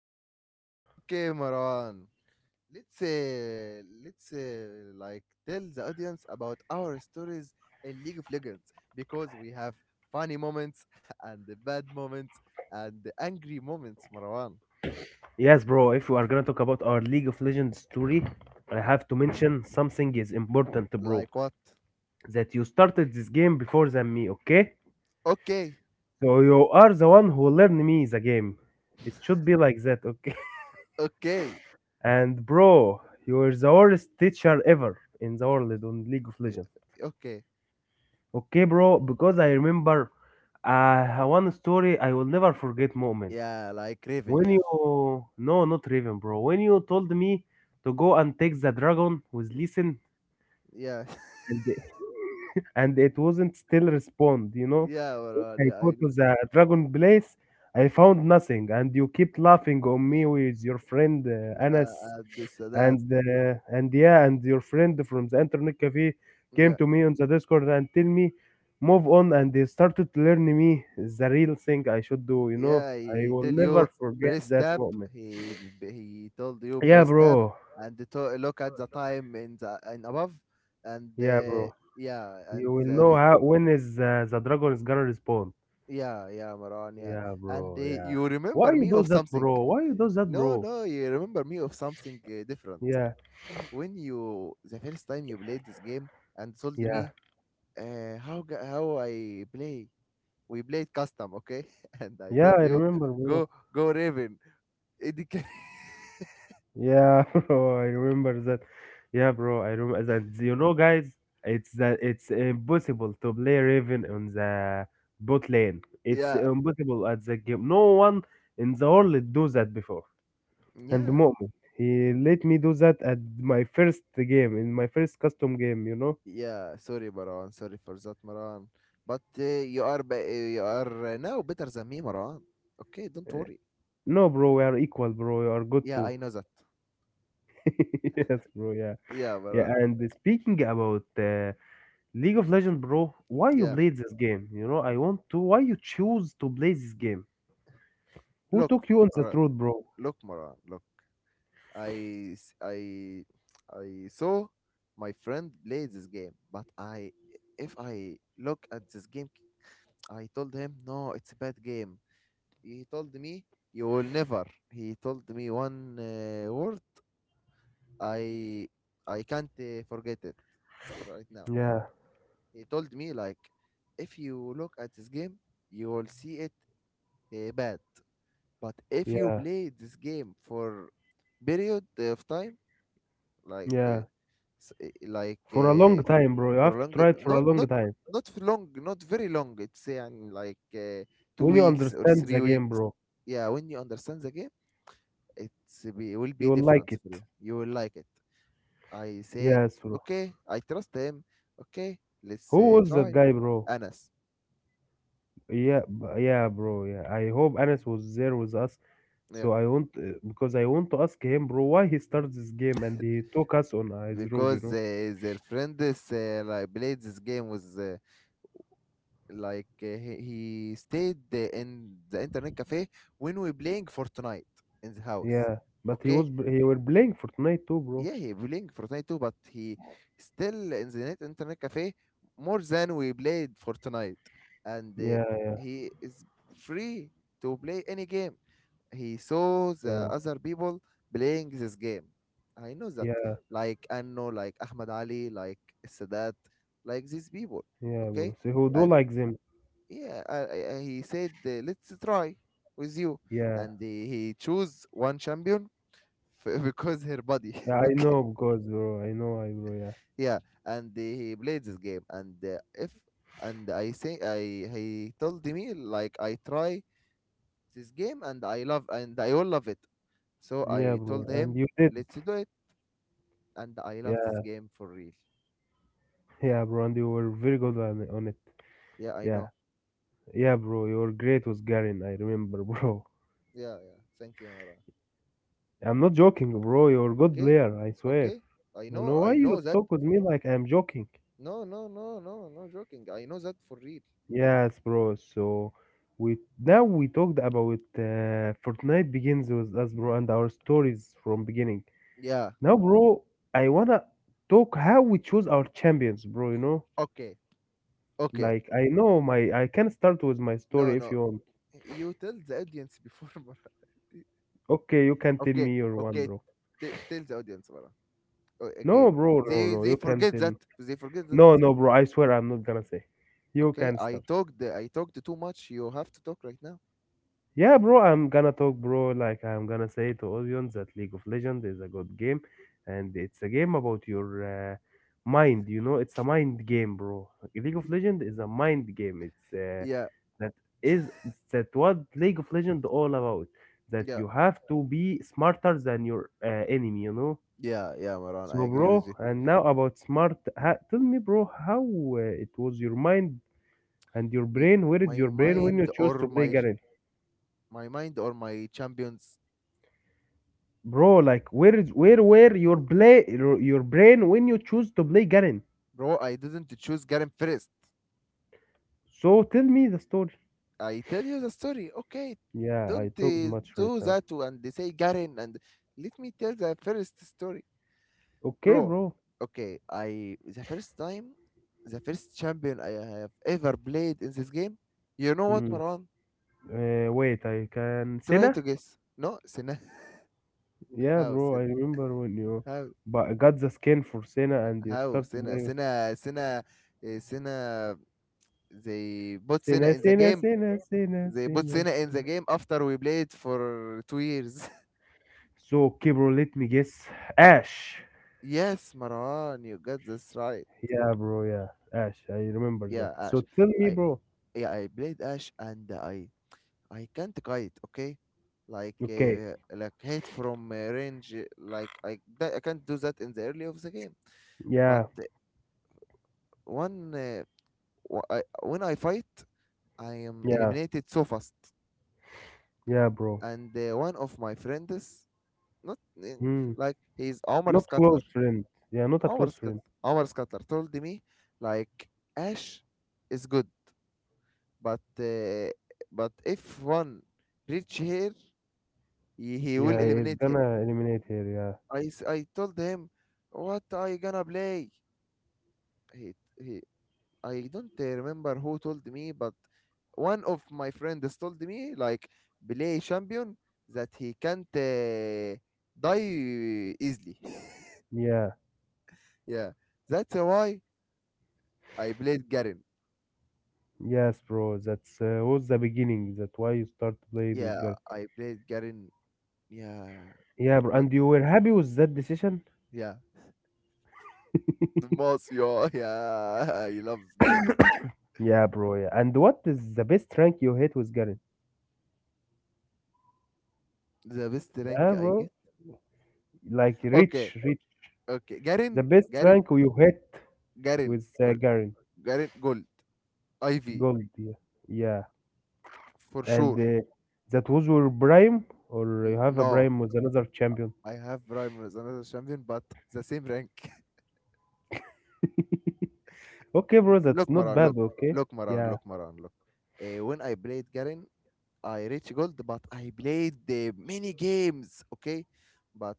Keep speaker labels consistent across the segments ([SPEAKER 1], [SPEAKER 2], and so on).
[SPEAKER 1] great.
[SPEAKER 2] Okay, Maran. Let's like tell the audience about our stories in League of Legends because we have funny moments and the bad moments and the angry moments, Marwan.
[SPEAKER 1] Yes, bro. If we are gonna talk about our League of Legends story, I
[SPEAKER 2] Yeah.
[SPEAKER 1] have to mention something is important, bro.
[SPEAKER 2] Like what?
[SPEAKER 1] That you started this game before than me, okay?
[SPEAKER 2] Okay.
[SPEAKER 1] So you are the one who learned me the game. It should be like that, okay?
[SPEAKER 2] Okay.
[SPEAKER 1] And bro, you are the worst teacher ever in the world on League of
[SPEAKER 2] eh,
[SPEAKER 1] Legends.
[SPEAKER 2] Okay.
[SPEAKER 1] Okay, bro, because I remember one story I will never forget moment.
[SPEAKER 2] Yeah, like Raven.
[SPEAKER 1] When you
[SPEAKER 2] Yeah.
[SPEAKER 1] no, not Raven, bro. When you told me to go and take the dragon with listen
[SPEAKER 2] Yeah.
[SPEAKER 1] and and it wasn't still respond, you know.
[SPEAKER 2] Yeah, Marwan.
[SPEAKER 1] I
[SPEAKER 2] Yeah.
[SPEAKER 1] go to the dragon place, I found nothing, and you keep laughing on me with your friend
[SPEAKER 2] Yeah.
[SPEAKER 1] Anas,
[SPEAKER 2] And this and that.
[SPEAKER 1] and yeah, and your friend from the internet cafe came
[SPEAKER 2] Yeah.
[SPEAKER 1] to me on the Discord and tell me move on, and they started to learn me the real thing I should do, you know.
[SPEAKER 2] Yeah,
[SPEAKER 1] I
[SPEAKER 2] he
[SPEAKER 1] will
[SPEAKER 2] tell
[SPEAKER 1] never
[SPEAKER 2] you
[SPEAKER 1] forget
[SPEAKER 2] breast
[SPEAKER 1] that
[SPEAKER 2] tab.
[SPEAKER 1] moment.
[SPEAKER 2] He he told you
[SPEAKER 1] Yeah,
[SPEAKER 2] breast tab,
[SPEAKER 1] bro.
[SPEAKER 2] and to look at the time in the in above, and
[SPEAKER 1] Yeah, bro.
[SPEAKER 2] yeah, and
[SPEAKER 1] You will
[SPEAKER 2] there
[SPEAKER 1] know
[SPEAKER 2] is
[SPEAKER 1] how when is the dragon is gonna respawn.
[SPEAKER 2] yeah, yeah, Maran, yeah,
[SPEAKER 1] Yeah,
[SPEAKER 2] and
[SPEAKER 1] bro. Yeah.
[SPEAKER 2] you
[SPEAKER 1] Why
[SPEAKER 2] remember
[SPEAKER 1] you
[SPEAKER 2] me
[SPEAKER 1] do
[SPEAKER 2] of
[SPEAKER 1] that,
[SPEAKER 2] something.
[SPEAKER 1] bro? Why you do that,
[SPEAKER 2] No,
[SPEAKER 1] bro?
[SPEAKER 2] no, you remember me of something different.
[SPEAKER 1] Yeah,
[SPEAKER 2] When you the first time you played this game and told
[SPEAKER 1] yeah,
[SPEAKER 2] me how I play. We played custom, okay? And I
[SPEAKER 1] yeah,
[SPEAKER 2] told
[SPEAKER 1] I
[SPEAKER 2] you,
[SPEAKER 1] remember, bro.
[SPEAKER 2] go go Raven. It can
[SPEAKER 1] Yeah, bro, I remember that. Yeah, bro, I remember that. You know, guys, it's impossible to play Raven on the bot lane. It's
[SPEAKER 2] yeah.
[SPEAKER 1] impossible at the game. No one in the world do that before. And
[SPEAKER 2] Yeah,
[SPEAKER 1] Mu'min. He let me do that at my first game, in my first custom game, you know?
[SPEAKER 2] yeah. Sorry, Maran. Sorry for that, Maran. But you are now better than me, Maran. Okay, don't worry.
[SPEAKER 1] No, bro, we are equal, bro. You are good
[SPEAKER 2] Yeah,
[SPEAKER 1] too.
[SPEAKER 2] I know that.
[SPEAKER 1] Yes, bro, yeah.
[SPEAKER 2] Yeah,
[SPEAKER 1] Yeah,
[SPEAKER 2] Maran.
[SPEAKER 1] and speaking about League of Legends, bro, why you
[SPEAKER 2] Yeah.
[SPEAKER 1] played this game? You know, I want to. Why you choose to play this game? Who
[SPEAKER 2] Look,
[SPEAKER 1] took you on the
[SPEAKER 2] alright.
[SPEAKER 1] road, bro?
[SPEAKER 2] Look, Maran. Look, I s- I saw my friend play this game, but I if I look at this game, I told him no, it's a bad game. He told me you will never. He told me one word. I I can't forget it right now.
[SPEAKER 1] Yeah,
[SPEAKER 2] He told me like, if you look at this game, you will see it bad. But if you
[SPEAKER 1] yeah,
[SPEAKER 2] play this game for period of time, like
[SPEAKER 1] yeah.
[SPEAKER 2] uh, s- uh, like
[SPEAKER 1] For a
[SPEAKER 2] uh,
[SPEAKER 1] long time, bro. You
[SPEAKER 2] for a
[SPEAKER 1] have to
[SPEAKER 2] long,
[SPEAKER 1] try it for a long time.
[SPEAKER 2] not for long, not very long. It's like two
[SPEAKER 1] When you
[SPEAKER 2] weeks or
[SPEAKER 1] understand
[SPEAKER 2] three
[SPEAKER 1] the game,
[SPEAKER 2] weeks.
[SPEAKER 1] bro,
[SPEAKER 2] Yeah, when you understand the game, it will
[SPEAKER 1] you
[SPEAKER 2] be
[SPEAKER 1] will like
[SPEAKER 2] different
[SPEAKER 1] it.
[SPEAKER 2] for you. You will like it. I said,
[SPEAKER 1] Yes, bro.
[SPEAKER 2] okay, I trust him. Okay, let's
[SPEAKER 1] Who was that
[SPEAKER 2] try.
[SPEAKER 1] guy, bro?
[SPEAKER 2] Anas.
[SPEAKER 1] Yeah, yeah, bro. Yeah, I hope Anas was there with us.
[SPEAKER 2] Yeah.
[SPEAKER 1] So I want because I want to ask him, bro, why he started this game and he took us on his road, you
[SPEAKER 2] Because
[SPEAKER 1] know?
[SPEAKER 2] their friend is, like played this game with like uh, he he stayed in the internet cafe when we playing Fortnite in the house.
[SPEAKER 1] Yeah, but
[SPEAKER 2] Okay,
[SPEAKER 1] he were playing Fortnite too, bro.
[SPEAKER 2] yeah, he playing Fortnite too, but he still in the net internet cafe more than we played Fortnite, and
[SPEAKER 1] Yeah,
[SPEAKER 2] he is free to play any game he saw
[SPEAKER 1] yeah,
[SPEAKER 2] the other people playing this game. I know that,
[SPEAKER 1] yeah,
[SPEAKER 2] like Anno, like Ahmed Ali, like Sadat, like these people.
[SPEAKER 1] yeah, bro.
[SPEAKER 2] Okay,
[SPEAKER 1] So who do
[SPEAKER 2] and
[SPEAKER 1] like them?
[SPEAKER 2] yeah, he said, "Let's try with you,"
[SPEAKER 1] Yeah,
[SPEAKER 2] and he chose one champion because her body.
[SPEAKER 1] yeah, I
[SPEAKER 2] Okay,
[SPEAKER 1] know because, bro. I know, I bro. Yeah,
[SPEAKER 2] yeah, and he played this game, and if and I say I he told me like I try this game and I love and I all love it. So
[SPEAKER 1] yeah,
[SPEAKER 2] I
[SPEAKER 1] bro.
[SPEAKER 2] told
[SPEAKER 1] And
[SPEAKER 2] him,
[SPEAKER 1] you did.
[SPEAKER 2] "Let's do it." And I love this
[SPEAKER 1] Yeah,
[SPEAKER 2] game for real.
[SPEAKER 1] yeah, bro. And you were very good on it.
[SPEAKER 2] Yeah, I
[SPEAKER 1] Yeah,
[SPEAKER 2] know.
[SPEAKER 1] yeah, bro. You were great with Garin. I remember, bro.
[SPEAKER 2] Yeah, yeah. Thank you, Mara.
[SPEAKER 1] I'm not joking, bro. You're a good
[SPEAKER 2] Okay,
[SPEAKER 1] player. I swear.
[SPEAKER 2] okay.
[SPEAKER 1] You know why
[SPEAKER 2] I know
[SPEAKER 1] you
[SPEAKER 2] that.
[SPEAKER 1] talk with me like I'm joking?
[SPEAKER 2] No, no, no, no, no joking. I know that for real.
[SPEAKER 1] Yes, bro. So we now we talked about Fortnite begins with us, bro, and our stories from beginning.
[SPEAKER 2] Yeah.
[SPEAKER 1] Now, bro, I wanna talk how we choose our champions, bro. You know,
[SPEAKER 2] Okay, okay.
[SPEAKER 1] like I can start with my
[SPEAKER 2] No,
[SPEAKER 1] story if
[SPEAKER 2] no.
[SPEAKER 1] you want.
[SPEAKER 2] You tell the audience before, Mara.
[SPEAKER 1] Okay, you can tell
[SPEAKER 2] Okay,
[SPEAKER 1] me your one,
[SPEAKER 2] okay.
[SPEAKER 1] bro.
[SPEAKER 2] Tell the audience, Mara. Oh,
[SPEAKER 1] No,
[SPEAKER 2] again,
[SPEAKER 1] bro, no,
[SPEAKER 2] they
[SPEAKER 1] no,
[SPEAKER 2] they
[SPEAKER 1] you can
[SPEAKER 2] forget
[SPEAKER 1] tell.
[SPEAKER 2] that. They forget that.
[SPEAKER 1] No, no, bro. I swear I'm not gonna say. You
[SPEAKER 2] Okay,
[SPEAKER 1] can
[SPEAKER 2] I
[SPEAKER 1] start.
[SPEAKER 2] talked. I talked too much. You have to talk right now.
[SPEAKER 1] Yeah, bro, I'm gonna talk, bro. Like, I'm gonna say to audience that League of Legends is a good game, and it's a game about your mind. You know, it's a mind game, bro. League of Legends is a mind game. It's
[SPEAKER 2] Yeah,
[SPEAKER 1] that is it's that what League of Legends all about. That
[SPEAKER 2] yeah,
[SPEAKER 1] you have to be smarter than your enemy. You know.
[SPEAKER 2] yeah, yeah, Maran. I
[SPEAKER 1] So,
[SPEAKER 2] agree with
[SPEAKER 1] bro,
[SPEAKER 2] you.
[SPEAKER 1] and now about smart. Tell me, bro, how it was your mind and your
[SPEAKER 2] Ye-
[SPEAKER 1] brain? Where is
[SPEAKER 2] My
[SPEAKER 1] your brain when you
[SPEAKER 2] mind
[SPEAKER 1] choose
[SPEAKER 2] or
[SPEAKER 1] to play Garen?
[SPEAKER 2] my mind or my champions.
[SPEAKER 1] Bro, like where is where your play your brain when you choose to play Garen,
[SPEAKER 2] Bro, I didn't choose Garen first.
[SPEAKER 1] so tell me the story.
[SPEAKER 2] I tell you the story. Okay,
[SPEAKER 1] Yeah, I
[SPEAKER 2] don't
[SPEAKER 1] talked much right
[SPEAKER 2] do
[SPEAKER 1] now.
[SPEAKER 2] that and they say Garen and let me tell the first story.
[SPEAKER 1] Okay,
[SPEAKER 2] Bro,
[SPEAKER 1] bro.
[SPEAKER 2] okay, I the first time, the first champion I have ever played in this game. You know what,
[SPEAKER 1] Mm.
[SPEAKER 2] Marwan?
[SPEAKER 1] Uh, wait, I can
[SPEAKER 2] Try
[SPEAKER 1] Senna.
[SPEAKER 2] to guess. No, Sina.
[SPEAKER 1] Yeah,
[SPEAKER 2] How
[SPEAKER 1] bro, I
[SPEAKER 2] Sina?
[SPEAKER 1] remember when you
[SPEAKER 2] How
[SPEAKER 1] but got the skin for Senna and you
[SPEAKER 2] how
[SPEAKER 1] start to
[SPEAKER 2] Sina?
[SPEAKER 1] play with
[SPEAKER 2] Sina. They put Sina
[SPEAKER 1] Senna,
[SPEAKER 2] in the
[SPEAKER 1] Senna,
[SPEAKER 2] game.
[SPEAKER 1] Senna, Senna,
[SPEAKER 2] They put
[SPEAKER 1] Senna.
[SPEAKER 2] Cena in the game after we played for 2 years.
[SPEAKER 1] So okay, bro, let me guess. Ash.
[SPEAKER 2] Yes, Marwan, you got this right.
[SPEAKER 1] Yeah, bro, yeah, Ash, I remember that.
[SPEAKER 2] Yeah, Ash.
[SPEAKER 1] So tell me,
[SPEAKER 2] I
[SPEAKER 1] bro.
[SPEAKER 2] yeah I played Ash and I can't kite. Okay,
[SPEAKER 1] Okay.
[SPEAKER 2] like hit from range. Like I that, I can't do that in the early of the game. But
[SPEAKER 1] Yeah.
[SPEAKER 2] one uh, when I fight, I am
[SPEAKER 1] Yeah,
[SPEAKER 2] eliminated so fast.
[SPEAKER 1] yeah, bro.
[SPEAKER 2] And one of my friends, not
[SPEAKER 1] Hmm.
[SPEAKER 2] like he's Omar
[SPEAKER 1] Not
[SPEAKER 2] Scuttler.
[SPEAKER 1] close friend. Yeah, not a
[SPEAKER 2] Our
[SPEAKER 1] close
[SPEAKER 2] scut
[SPEAKER 1] friend.
[SPEAKER 2] our scuttler told me like Ash is good, but uh, but if one reach here, he will
[SPEAKER 1] Yeah, he's
[SPEAKER 2] eliminate her.
[SPEAKER 1] gonna eliminate her.
[SPEAKER 2] I told him, what I gonna play? He he. I don't remember who told me, but one of my friends told me like play champion that he can't die easily.
[SPEAKER 1] Yeah, yeah,
[SPEAKER 2] Yeah, that's why I played Garen.
[SPEAKER 1] yes, bro. That's was the beginning. That's why you start to play with
[SPEAKER 2] Yeah,
[SPEAKER 1] girl.
[SPEAKER 2] I played Garen. Yeah.
[SPEAKER 1] Yeah, bro.
[SPEAKER 2] Much
[SPEAKER 1] And you were happy with that decision?
[SPEAKER 2] yeah. The most yo yeah. He loves Garen.
[SPEAKER 1] Yeah, bro. Yeah. And what is the best rank you hit with Garen?
[SPEAKER 2] The best
[SPEAKER 1] Yeah,
[SPEAKER 2] rank I
[SPEAKER 1] bro.
[SPEAKER 2] get.
[SPEAKER 1] Like
[SPEAKER 2] Okay.
[SPEAKER 1] rich, rich.
[SPEAKER 2] Okay.
[SPEAKER 1] The
[SPEAKER 2] Garen.
[SPEAKER 1] best
[SPEAKER 2] Garen.
[SPEAKER 1] rank you hit
[SPEAKER 2] Garen.
[SPEAKER 1] with
[SPEAKER 2] Or
[SPEAKER 1] Garen.
[SPEAKER 2] Garen Gold. Ivy.
[SPEAKER 1] Gold. Yeah. Yeah.
[SPEAKER 2] For sure.
[SPEAKER 1] And that was your prime, or you have a
[SPEAKER 2] No.
[SPEAKER 1] prime with another champion.
[SPEAKER 2] I have Rhyme as another champion, but the same rank.
[SPEAKER 1] Okay, bro. That's
[SPEAKER 2] Look,
[SPEAKER 1] not
[SPEAKER 2] Maran,
[SPEAKER 1] bad.
[SPEAKER 2] look.
[SPEAKER 1] Okay.
[SPEAKER 2] Look, Maran,
[SPEAKER 1] Yeah.
[SPEAKER 2] look, Maran, look. When I played Garen, I reached gold, but I played many games, okay? But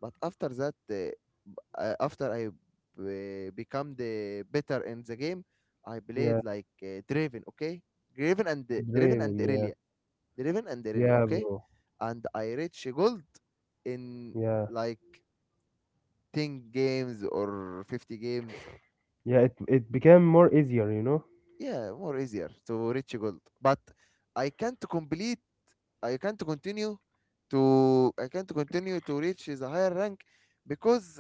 [SPEAKER 2] after that, after I become the better in the game, I played
[SPEAKER 1] Yeah.
[SPEAKER 2] like Draven, okay? Draven and Draven and
[SPEAKER 1] Dreaming, yeah,
[SPEAKER 2] Irelia, Draven and Irelia,
[SPEAKER 1] yeah,
[SPEAKER 2] okay?
[SPEAKER 1] bro,
[SPEAKER 2] And I reached gold in
[SPEAKER 1] yeah,
[SPEAKER 2] like 10 games or 50 games.
[SPEAKER 1] yeah. It became more easier, you know.
[SPEAKER 2] Yeah, more easier to reach gold. But I can't complete I can't continue I can't continue to reach the higher rank because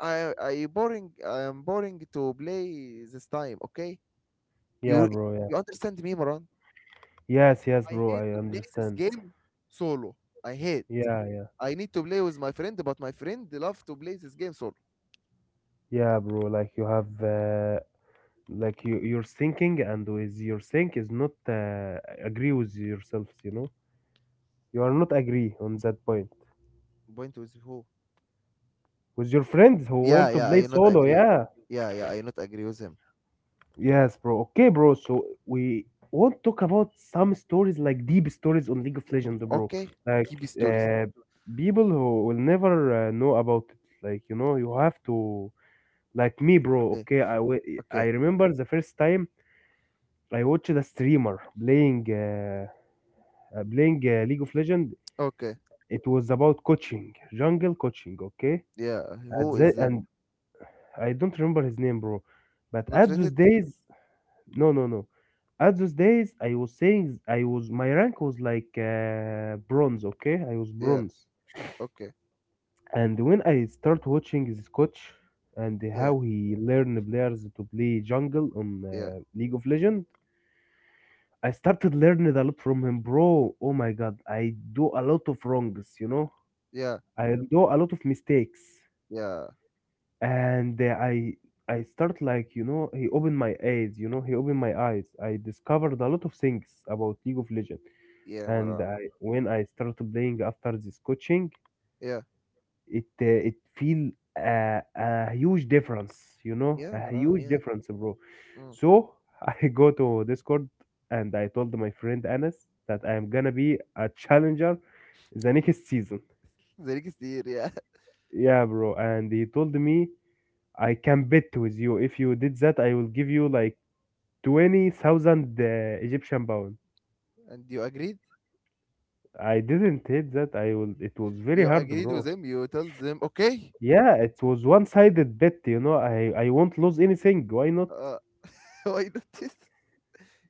[SPEAKER 2] I am boring to play this time. Okay,
[SPEAKER 1] Yeah,
[SPEAKER 2] you
[SPEAKER 1] bro, yeah.
[SPEAKER 2] you understand me, Moran?
[SPEAKER 1] Yes, yes,
[SPEAKER 2] I
[SPEAKER 1] bro.
[SPEAKER 2] hate
[SPEAKER 1] I
[SPEAKER 2] to play this
[SPEAKER 1] understand.
[SPEAKER 2] game solo. I hate.
[SPEAKER 1] Yeah, yeah,
[SPEAKER 2] I need to play with my friend, but my friend love to play this game solo.
[SPEAKER 1] yeah, bro. Like you have, like you're thinking, and with your think is not agree with yourself. You know, you are not agree on that point
[SPEAKER 2] Point with who?
[SPEAKER 1] with your friends who
[SPEAKER 2] Yeah,
[SPEAKER 1] want to
[SPEAKER 2] yeah.
[SPEAKER 1] play
[SPEAKER 2] I not
[SPEAKER 1] solo.
[SPEAKER 2] agree.
[SPEAKER 1] Yeah,
[SPEAKER 2] Yeah, yeah. I not agree with him.
[SPEAKER 1] yes, bro. Okay, bro. So we won't talk about some stories like deep stories on League of Legends, bro.
[SPEAKER 2] Okay,
[SPEAKER 1] Like
[SPEAKER 2] DB stories.
[SPEAKER 1] uh, people who will never know about it. Like you know, you have to like me, bro.
[SPEAKER 2] Okay,
[SPEAKER 1] Okay, I
[SPEAKER 2] okay,
[SPEAKER 1] remember the first time I watched a streamer playing League of Legends.
[SPEAKER 2] okay.
[SPEAKER 1] It was about coaching, jungle coaching. Okay,
[SPEAKER 2] Yeah.
[SPEAKER 1] at
[SPEAKER 2] Who is
[SPEAKER 1] the,
[SPEAKER 2] them?
[SPEAKER 1] and I don't remember his name, bro. But
[SPEAKER 2] Not
[SPEAKER 1] at those
[SPEAKER 2] rated?
[SPEAKER 1] days, no, no, no. At those days, I was saying I was my rank was like bronze. Okay, I was
[SPEAKER 2] Yeah.
[SPEAKER 1] bronze.
[SPEAKER 2] Okay.
[SPEAKER 1] And when I start watching this coach and
[SPEAKER 2] Yeah.
[SPEAKER 1] how he learn players to play jungle on
[SPEAKER 2] Yeah,
[SPEAKER 1] League of Legends, I started learning a lot from him, bro. Oh my god, I do a lot of wrongs. You know,
[SPEAKER 2] yeah,
[SPEAKER 1] I do a lot of mistakes,
[SPEAKER 2] yeah,
[SPEAKER 1] and I. I start, like, you know, he opened my eyes, you know, he opened my eyes, I discovered a lot of things about League of Legends,
[SPEAKER 2] yeah,
[SPEAKER 1] and
[SPEAKER 2] Maran,
[SPEAKER 1] I, when I started playing after this coaching,
[SPEAKER 2] yeah,
[SPEAKER 1] it it feel a huge difference, you know,
[SPEAKER 2] yeah,
[SPEAKER 1] a
[SPEAKER 2] Maran,
[SPEAKER 1] huge
[SPEAKER 2] yeah.
[SPEAKER 1] difference, bro.
[SPEAKER 2] Mm,
[SPEAKER 1] So I go to Discord and I told my friend Anas that I am
[SPEAKER 2] mm.
[SPEAKER 1] gonna be a challenger the next season.
[SPEAKER 2] There كتير yeah.
[SPEAKER 1] Yeah, bro. And he told me I can bet with you. If you did that, I will give you like 20,000 Egyptian pound.
[SPEAKER 2] and You agreed,
[SPEAKER 1] I didn't hit that. I will. It was very
[SPEAKER 2] you
[SPEAKER 1] hard,
[SPEAKER 2] agreed
[SPEAKER 1] bro.
[SPEAKER 2] with them, you told them okay.
[SPEAKER 1] Yeah, it was one-sided bet, you know. I won't lose anything. Why not?
[SPEAKER 2] uh, why not this?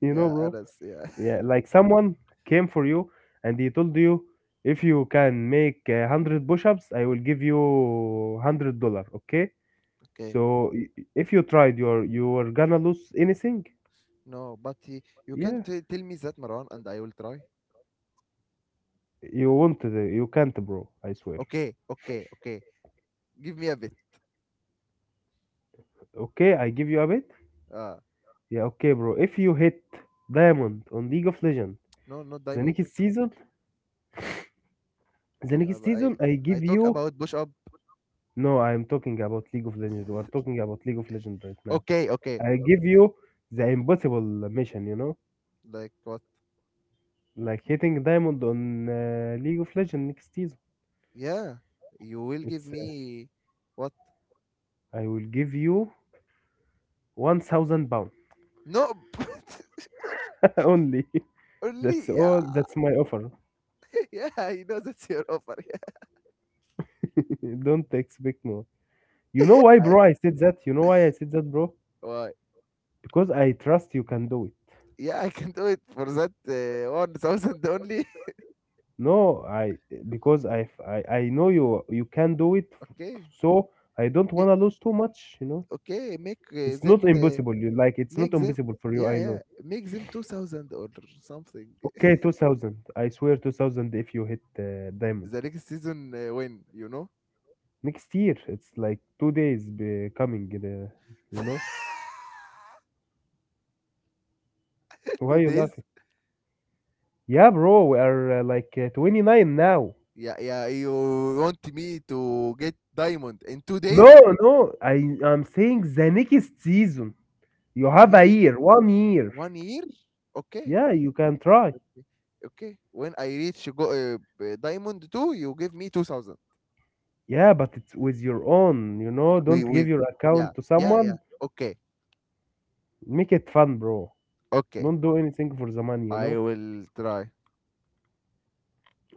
[SPEAKER 1] You know,
[SPEAKER 2] Yeah,
[SPEAKER 1] bro.
[SPEAKER 2] Anas, yeah.
[SPEAKER 1] Yeah, like someone came for you and he told you if you can make a hundred push-ups, I will give you $100. Okay.
[SPEAKER 2] Okay,
[SPEAKER 1] So i- if you tried, you're gonna lose anything.
[SPEAKER 2] no, but you
[SPEAKER 1] Yeah,
[SPEAKER 2] can't tell me that, Maran, and I will try.
[SPEAKER 1] you won't. You can't, bro. I swear.
[SPEAKER 2] Okay, okay, okay. Give me a bit.
[SPEAKER 1] Okay, I give you a bet.
[SPEAKER 2] uh
[SPEAKER 1] Yeah, okay, bro. If you hit diamond on League of Legends
[SPEAKER 2] no, not
[SPEAKER 1] the
[SPEAKER 2] diamond.
[SPEAKER 1] next season,
[SPEAKER 2] But
[SPEAKER 1] I
[SPEAKER 2] I
[SPEAKER 1] give
[SPEAKER 2] talk
[SPEAKER 1] you
[SPEAKER 2] about bush up.
[SPEAKER 1] no, I am talking about League of Legends. We are talking about League of Legends right now.
[SPEAKER 2] Okay, okay.
[SPEAKER 1] I Okay. give you the impossible mission, you know,
[SPEAKER 2] Like what?
[SPEAKER 1] like hitting diamond on League of Legends next season.
[SPEAKER 2] Yeah, you will give
[SPEAKER 1] It's
[SPEAKER 2] me what?
[SPEAKER 1] I will give you 1,000 pound
[SPEAKER 2] No.
[SPEAKER 1] only.
[SPEAKER 2] Only.
[SPEAKER 1] That's
[SPEAKER 2] Yeah.
[SPEAKER 1] all. That's my offer.
[SPEAKER 2] Yeah, he knows it's your offer. Yeah.
[SPEAKER 1] Don't expect more. You know why,
[SPEAKER 2] I,
[SPEAKER 1] bro? I said that. You know why I said that, bro?
[SPEAKER 2] why?
[SPEAKER 1] Because I trust you can do it.
[SPEAKER 2] Yeah. I can do it for that 1,000 only.
[SPEAKER 1] No, I because I know you can do it.
[SPEAKER 2] Okay.
[SPEAKER 1] So I don't
[SPEAKER 2] Yeah,
[SPEAKER 1] wanna lose too much, you know.
[SPEAKER 2] okay, make
[SPEAKER 1] It's not
[SPEAKER 2] them
[SPEAKER 1] impossible. You like it's not
[SPEAKER 2] make them
[SPEAKER 1] impossible for you.
[SPEAKER 2] yeah,
[SPEAKER 1] I
[SPEAKER 2] yeah,
[SPEAKER 1] know.
[SPEAKER 2] make them 2,000 or something.
[SPEAKER 1] Okay, 2,000. I swear, 2,000. If you hit diamond
[SPEAKER 2] The next season win, you know.
[SPEAKER 1] next year, it's like two days be coming. You know why
[SPEAKER 2] two
[SPEAKER 1] you
[SPEAKER 2] days
[SPEAKER 1] laughing? Yeah, bro. We are like 29 now.
[SPEAKER 2] Yeah, yeah, you want me to get diamond in two
[SPEAKER 1] No,
[SPEAKER 2] days
[SPEAKER 1] no. I'm saying the next season. You have a
[SPEAKER 2] Yeah,
[SPEAKER 1] year, one year.
[SPEAKER 2] 1 year. Okay.
[SPEAKER 1] Yeah, you can try.
[SPEAKER 2] Okay, when I reach go diamond two, you give me 2,000.
[SPEAKER 1] Yeah, but it's with your own. You know, don't
[SPEAKER 2] We
[SPEAKER 1] give
[SPEAKER 2] with
[SPEAKER 1] your
[SPEAKER 2] yeah,
[SPEAKER 1] account to
[SPEAKER 2] yeah, yeah.
[SPEAKER 1] someone.
[SPEAKER 2] Okay,
[SPEAKER 1] Make it fun, bro.
[SPEAKER 2] okay,
[SPEAKER 1] Don't do anything for the money. You
[SPEAKER 2] I
[SPEAKER 1] know.
[SPEAKER 2] will try.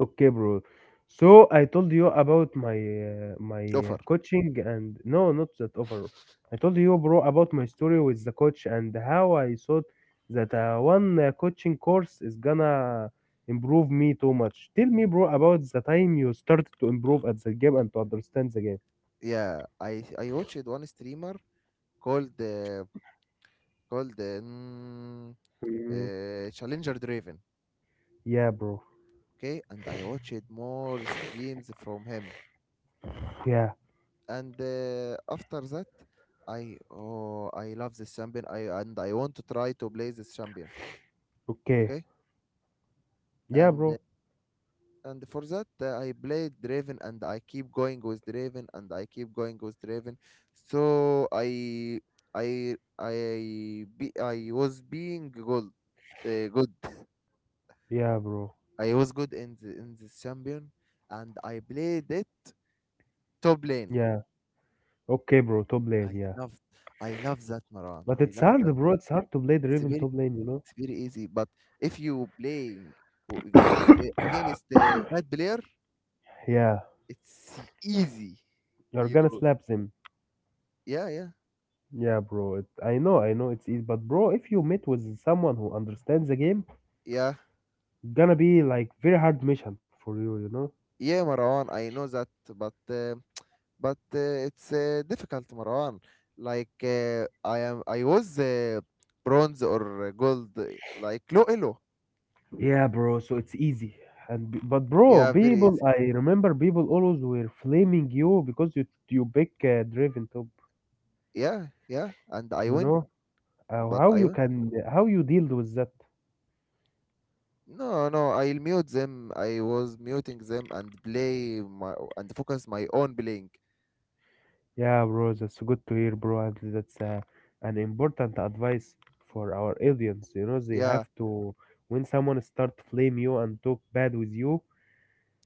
[SPEAKER 1] Okay, bro. So I told you about my
[SPEAKER 2] Offer.
[SPEAKER 1] coaching and no, not that offer. I told you, bro, about my story with the coach and how I thought that one coaching course is gonna improve me too much. Tell me, bro, about the time you started to improve at the game and to understand the game.
[SPEAKER 2] Yeah, I watched one streamer called called um,
[SPEAKER 1] Mm,
[SPEAKER 2] Challenger Draven.
[SPEAKER 1] yeah, bro.
[SPEAKER 2] Okay, and I watched more streams from him.
[SPEAKER 1] Yeah.
[SPEAKER 2] And after that, I oh, I love this champion. I want to try to play this champion.
[SPEAKER 1] Okay.
[SPEAKER 2] Okay,
[SPEAKER 1] Yeah,
[SPEAKER 2] and
[SPEAKER 1] bro.
[SPEAKER 2] and for that I played Draven and I keep going with Draven and I keep going with Draven. So I was being good, good.
[SPEAKER 1] Yeah, bro.
[SPEAKER 2] I was good in this champion and I played it top lane.
[SPEAKER 1] Yeah. Okay, bro. Top lane.
[SPEAKER 2] I
[SPEAKER 1] Yeah.
[SPEAKER 2] love, I love that, Maran.
[SPEAKER 1] But
[SPEAKER 2] I
[SPEAKER 1] it's
[SPEAKER 2] love
[SPEAKER 1] hard,
[SPEAKER 2] that.
[SPEAKER 1] bro. It's hard to play
[SPEAKER 2] It's
[SPEAKER 1] the
[SPEAKER 2] very
[SPEAKER 1] top lane, you know?
[SPEAKER 2] it's very easy, but if you playing w- against the bad player,
[SPEAKER 1] Yeah.
[SPEAKER 2] it's easy.
[SPEAKER 1] You're gonna
[SPEAKER 2] You
[SPEAKER 1] slap them.
[SPEAKER 2] yeah, yeah,
[SPEAKER 1] Yeah, bro. I know it's easy, but bro, if you meet with someone who understands the game,
[SPEAKER 2] yeah.
[SPEAKER 1] gonna be like very hard mission for you, you know?
[SPEAKER 2] Yeah, Marwan, I know that, but uh, but it's difficult, Marwan. Like I was bronze or gold, like low elo.
[SPEAKER 1] Yeah, bro. So it's easy. But bro,
[SPEAKER 2] Yeah, very
[SPEAKER 1] people,
[SPEAKER 2] easy.
[SPEAKER 1] I remember people always were flaming you because you pick Draven top.
[SPEAKER 2] Yeah, yeah, and I
[SPEAKER 1] You
[SPEAKER 2] win,
[SPEAKER 1] know
[SPEAKER 2] but
[SPEAKER 1] how
[SPEAKER 2] I
[SPEAKER 1] you
[SPEAKER 2] win.
[SPEAKER 1] can how you deal with that?
[SPEAKER 2] No, no, I'll mute them. I was muting them and play my and focus my own playing.
[SPEAKER 1] Yeah, bro, that's good to hear, bro, and that's an important advice for our audience. You know, they
[SPEAKER 2] Yeah,
[SPEAKER 1] have to, when someone start flame you and talk bad with you,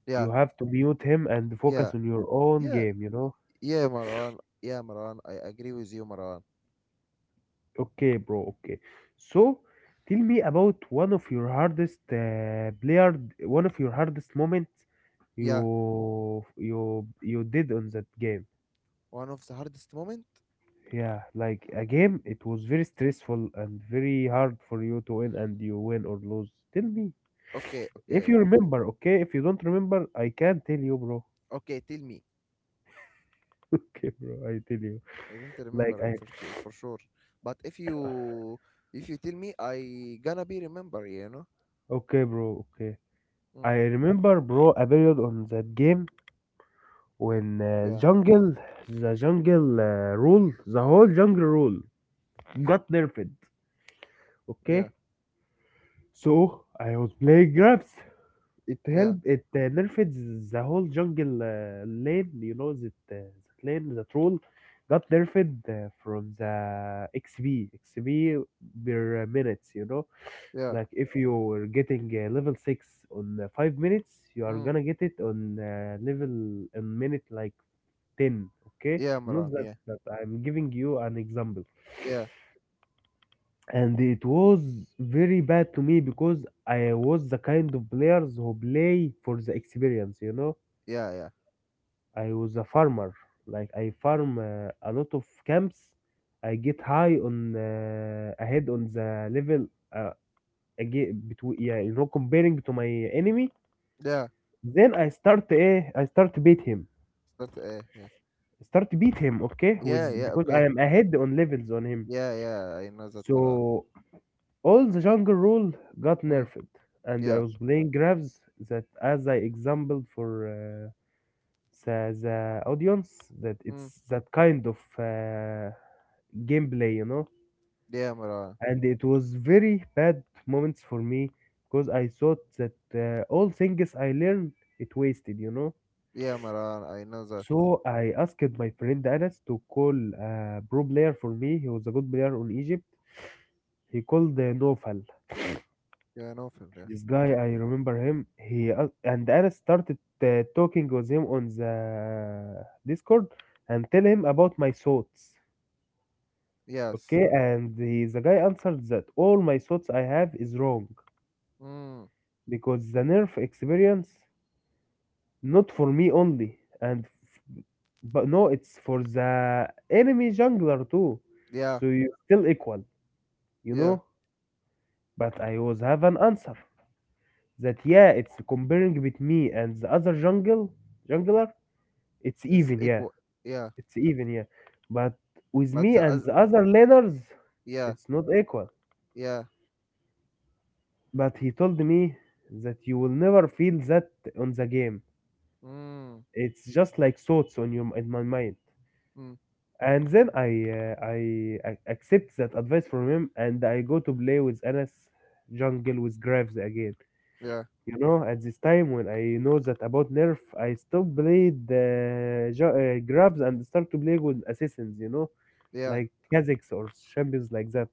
[SPEAKER 2] yeah,
[SPEAKER 1] you have to mute him and
[SPEAKER 2] yeah,
[SPEAKER 1] focus on your own
[SPEAKER 2] yeah,
[SPEAKER 1] game, you know?
[SPEAKER 2] yeah, Marwan. Yeah, Marwan. I agree with you, Marwan.
[SPEAKER 1] Okay, bro, okay. So, tell me about one of your hardest moments
[SPEAKER 2] Yeah,
[SPEAKER 1] you did on that game.
[SPEAKER 2] one of the hardest moment.
[SPEAKER 1] Yeah, like a game, it was very stressful and very hard for you to win and you win or lose. Tell me
[SPEAKER 2] Okay,
[SPEAKER 1] if
[SPEAKER 2] okay.
[SPEAKER 1] you remember, okay? If you don't remember, I can tell you, bro.
[SPEAKER 2] Okay, tell me.
[SPEAKER 1] Okay, bro, I tell you.
[SPEAKER 2] I don't
[SPEAKER 1] Like
[SPEAKER 2] remember
[SPEAKER 1] I,
[SPEAKER 2] for sure, for sure. But if you tell me, I gonna be remember. You know.
[SPEAKER 1] okay, bro, okay.
[SPEAKER 2] Mm,
[SPEAKER 1] I remember, bro, a period on that game when uh,
[SPEAKER 2] yeah.
[SPEAKER 1] jungle, the whole jungle rule got nerfed.
[SPEAKER 2] Yeah.
[SPEAKER 1] Okay, so I was playing grabs. it
[SPEAKER 2] Yeah.
[SPEAKER 1] help it uh, nerfed the whole jungle lane, you know, that lane, the troll got nerfed from the xp per minutes, you know,
[SPEAKER 2] Yeah.
[SPEAKER 1] like if you were getting level 6 on 5 minutes, you are
[SPEAKER 2] Mm,
[SPEAKER 1] gonna get it on level in minute like 10. Okay,
[SPEAKER 2] yeah,
[SPEAKER 1] not
[SPEAKER 2] Maran.
[SPEAKER 1] that,
[SPEAKER 2] Yeah.
[SPEAKER 1] that I'm giving you an example.
[SPEAKER 2] Yeah.
[SPEAKER 1] And it was very bad to me because I was the kind of players who play for the experience, you know.
[SPEAKER 2] Yeah. Yeah.
[SPEAKER 1] I was a farmer. Like I farm a lot of camps. I get high on ahead on the level uh, again between yeah, you know, comparing to my enemy.
[SPEAKER 2] Yeah.
[SPEAKER 1] Then I start beat him.
[SPEAKER 2] Start. Yeah.
[SPEAKER 1] Start beat him, okay?
[SPEAKER 2] Yeah.
[SPEAKER 1] With
[SPEAKER 2] Yeah.
[SPEAKER 1] because I
[SPEAKER 2] Okay.
[SPEAKER 1] am ahead on levels on him.
[SPEAKER 2] Yeah. Yeah. I know that, Maran.
[SPEAKER 1] So all the jungle rule got
[SPEAKER 2] Mm,
[SPEAKER 1] nerfed, and I
[SPEAKER 2] yeah.
[SPEAKER 1] was playing grabs that, as I exampled for the audience, that
[SPEAKER 2] Mm,
[SPEAKER 1] it's that kind of. Gameplay, you know,
[SPEAKER 2] yeah, Maran.
[SPEAKER 1] and it was very bad moments for me because I thought that all things I learned, it wasted, you know.
[SPEAKER 2] Yeah, Maran. I know that.
[SPEAKER 1] So I asked my friend Anas to call a pro player for me. He was a good player on Egypt. He called Nofal.
[SPEAKER 2] Yeah, no film. Yeah.
[SPEAKER 1] This guy, I remember him. And Anas started talking with him on the Discord and tell him about my thoughts.
[SPEAKER 2] Yes.
[SPEAKER 1] Okay, and he, the guy answered that all my thoughts I have is wrong
[SPEAKER 2] Mm,
[SPEAKER 1] because the nerf experience not for me only and f- but no it's for the enemy jungler too,
[SPEAKER 2] yeah.
[SPEAKER 1] so you still equal, you
[SPEAKER 2] Yeah.
[SPEAKER 1] know. But I always have an answer that yeah, it's comparing with me and the other jungler, it's
[SPEAKER 2] Is
[SPEAKER 1] even, yeah,
[SPEAKER 2] equal. Yeah.
[SPEAKER 1] it's even, yeah. But with
[SPEAKER 2] But
[SPEAKER 1] me
[SPEAKER 2] the
[SPEAKER 1] and
[SPEAKER 2] other.
[SPEAKER 1] the other laners,
[SPEAKER 2] Yeah.
[SPEAKER 1] it's not equal.
[SPEAKER 2] Yeah.
[SPEAKER 1] But he told me that you will never feel that on the game,
[SPEAKER 2] Mm,
[SPEAKER 1] it's just like thoughts on your in my mind.
[SPEAKER 2] mm,
[SPEAKER 1] And then I accept that advice from him, and I go to play with Anas jungle with Graves again.
[SPEAKER 2] yeah.
[SPEAKER 1] You know, at this time when I know that about Nerf, I stop play the Graves and start to play with assassins. You know,
[SPEAKER 2] Yeah.
[SPEAKER 1] like Kha'Zix or champions like that.